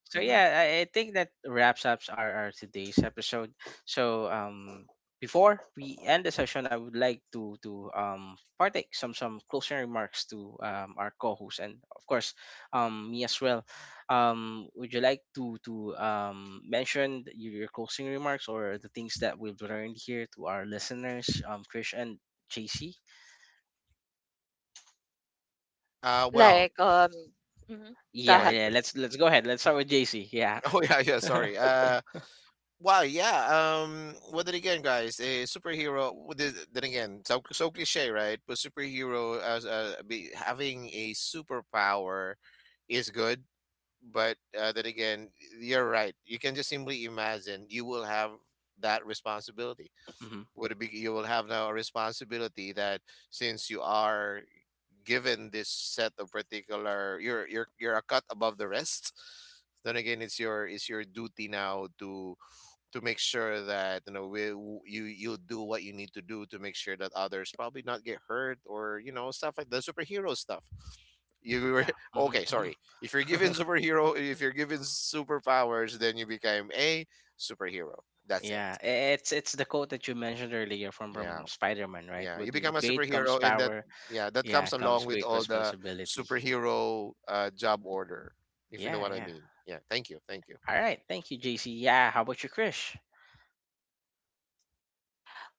[SPEAKER 1] so
[SPEAKER 3] Hmm.
[SPEAKER 1] yeah I think that wraps up our today's episode. So before we end the session, I would like to partake some closing remarks to our co-host, and of course me as well. Would you like to mention your closing remarks or the things that we've learned here to our listeners, Krish and JC?
[SPEAKER 2] Well,
[SPEAKER 3] Like Mm-hmm. Go
[SPEAKER 2] go
[SPEAKER 1] Yeah,
[SPEAKER 3] ahead.
[SPEAKER 2] ahead,
[SPEAKER 1] yeah,
[SPEAKER 2] Chris.
[SPEAKER 1] let's go ahead. Let's start with JC. Yeah.
[SPEAKER 2] Oh yeah, yeah, sorry. Wow, yeah. Well, then again, guys, a superhero. Well, this- Then again, so so cliche, right? But superhero as be, having a superpower is good, but then again, you're right. You can just simply imagine you will have that responsibility.
[SPEAKER 1] hmm
[SPEAKER 2] Would be you will have now a responsibility that since you are given this set of particular, you're you're a cut above the rest. Then again, it's your, it's your duty now to make sure that you know, you you do what you need to do to make sure that others probably not get hurt, or you know, stuff like the superhero stuff you were.
[SPEAKER 1] yeah. hmm
[SPEAKER 2] Okay, sorry. If you're given superhero, if you're given superpowers, then you become a superhero. That's it.
[SPEAKER 1] Yeah, it's the quote that you mentioned earlier
[SPEAKER 2] Yeah,
[SPEAKER 1] from Spider-Man, right?
[SPEAKER 2] yeah, you become
[SPEAKER 1] With
[SPEAKER 2] a
[SPEAKER 1] great comes
[SPEAKER 2] superhero, and that
[SPEAKER 1] power,
[SPEAKER 2] yeah, that
[SPEAKER 1] yeah,
[SPEAKER 2] comes
[SPEAKER 1] comes
[SPEAKER 2] along with
[SPEAKER 1] great
[SPEAKER 2] all the
[SPEAKER 1] responsibility.
[SPEAKER 2] superhero job order, if you know
[SPEAKER 1] Yeah,
[SPEAKER 2] what I
[SPEAKER 1] yeah.
[SPEAKER 2] mean. Yeah, thank you, thank you.
[SPEAKER 1] All right, thank you, JC. Yeah, how about you, Krish?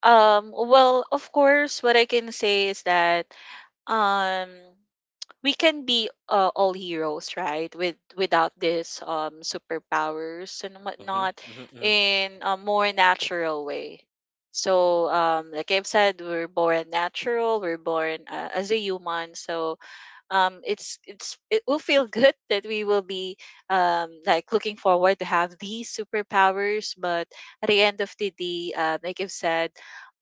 [SPEAKER 3] Well, of course, what I can say is that um we can be all heroes right with without this superpowers and
[SPEAKER 1] Mm-hmm,
[SPEAKER 3] whatnot
[SPEAKER 1] mm-hmm, mm-hmm.
[SPEAKER 3] in a more natural way so like I've said we're born natural we're born as a human so it's it will feel good that we will be like looking forward to have these superpowers but at the end of the day like I've said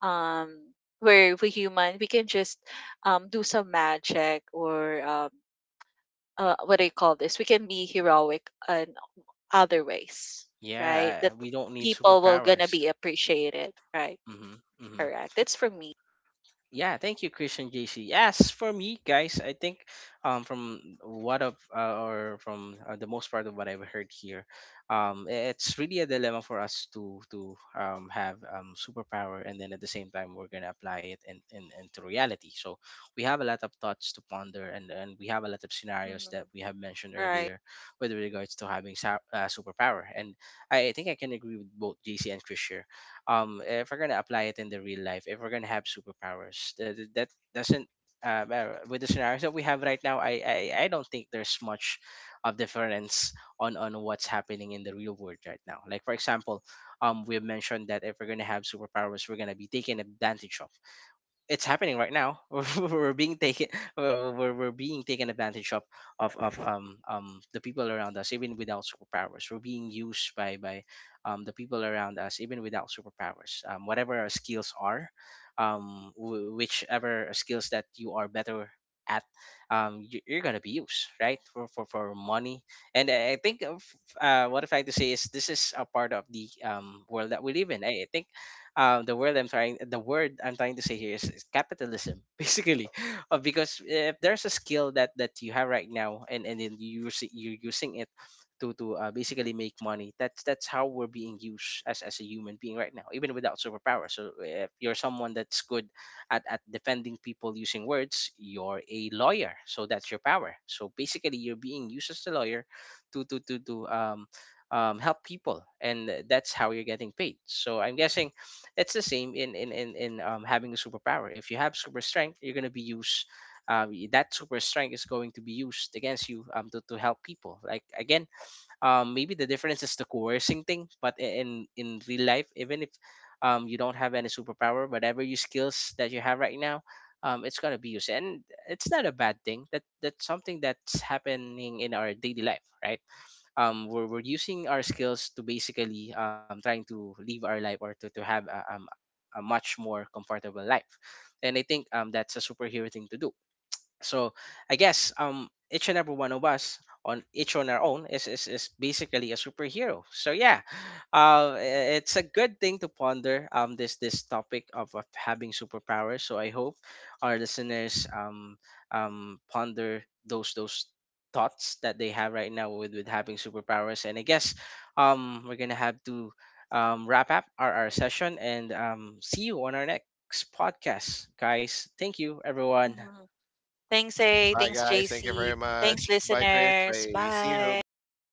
[SPEAKER 3] um are we human we can just do some magic or what do you call this we can be heroic in other ways right that
[SPEAKER 1] Yeah, we don't need
[SPEAKER 3] people will gonna be
[SPEAKER 1] superpowers.
[SPEAKER 3] appreciated right
[SPEAKER 1] Mm-hmm, mm-hmm.
[SPEAKER 3] correct that's for me.
[SPEAKER 1] Yeah, thank you, Christian JC. Yes, for me, guys, I think from what of or from the most part of what I've heard here, it's really a dilemma for us to have superpower, and then at the same time we're gonna apply it into reality. So we have a lot of thoughts to ponder, and we have a lot of scenarios that
[SPEAKER 3] Mhm.
[SPEAKER 1] we have mentioned
[SPEAKER 3] Right.
[SPEAKER 1] earlier with regards to having superpower. And I think I can agree with both JC and Christian. If we're gonna apply it in the real life, if we're gonna have superpowers that, that doesn't, with the scenarios that we have right now, I don't think there's much of difference on what's happening in the real world right now. Like for example, we have mentioned that if we're gonna have superpowers, we're gonna be taken advantage of. It's happening right now. We're being taken advantage of the people around us even without superpowers. We're being used by the people around us even without superpowers. Whatever our skills are, whichever skills that you are better at, you're gonna be used, right, for for money. And I think of, what I'm trying to say is this is a part of the world that we live in. I think the word I'm trying to say here is capitalism. Basically, because if there's a skill that that you have right now, and then you're using it to basically make money, that's how we're being used as a human being right now even without superpower. So if you're someone that's good at defending people using words, you're a lawyer, so that's your power. So basically you're being used as a lawyer to help people, and that's how you're getting paid. So I'm guessing it's the same in having a superpower. If you have super strength, you're going to be used, that super strength is going to be used against you, to help people. Like again, maybe the difference is the coercing thing, but in real life, even if you don't have any superpower, whatever your skills that you have right now, it's going to be used. And it's not a bad thing, that that's something that's happening in our daily life, right? We're using our skills to basically trying to live our life, or to have a much more comfortable life. And I think that's a superhero thing to do. So I guess each and every one of us on each on our own is basically a superhero. So yeah, it's a good thing to ponder this this topic of having superpowers. So I hope our listeners ponder those thoughts that they have right now with having superpowers. And I guess we're gonna have to wrap up our session, and see you on our next podcast, guys. Thank you everyone.
[SPEAKER 3] Mhm. Thanks, A.
[SPEAKER 2] Bye
[SPEAKER 3] Thanks,
[SPEAKER 2] guys, thank you
[SPEAKER 3] JC.
[SPEAKER 2] very much.
[SPEAKER 3] Thanks,
[SPEAKER 2] Bye Chris,
[SPEAKER 3] listeners.
[SPEAKER 2] bye, see you,
[SPEAKER 3] Bye.
[SPEAKER 2] bye bye.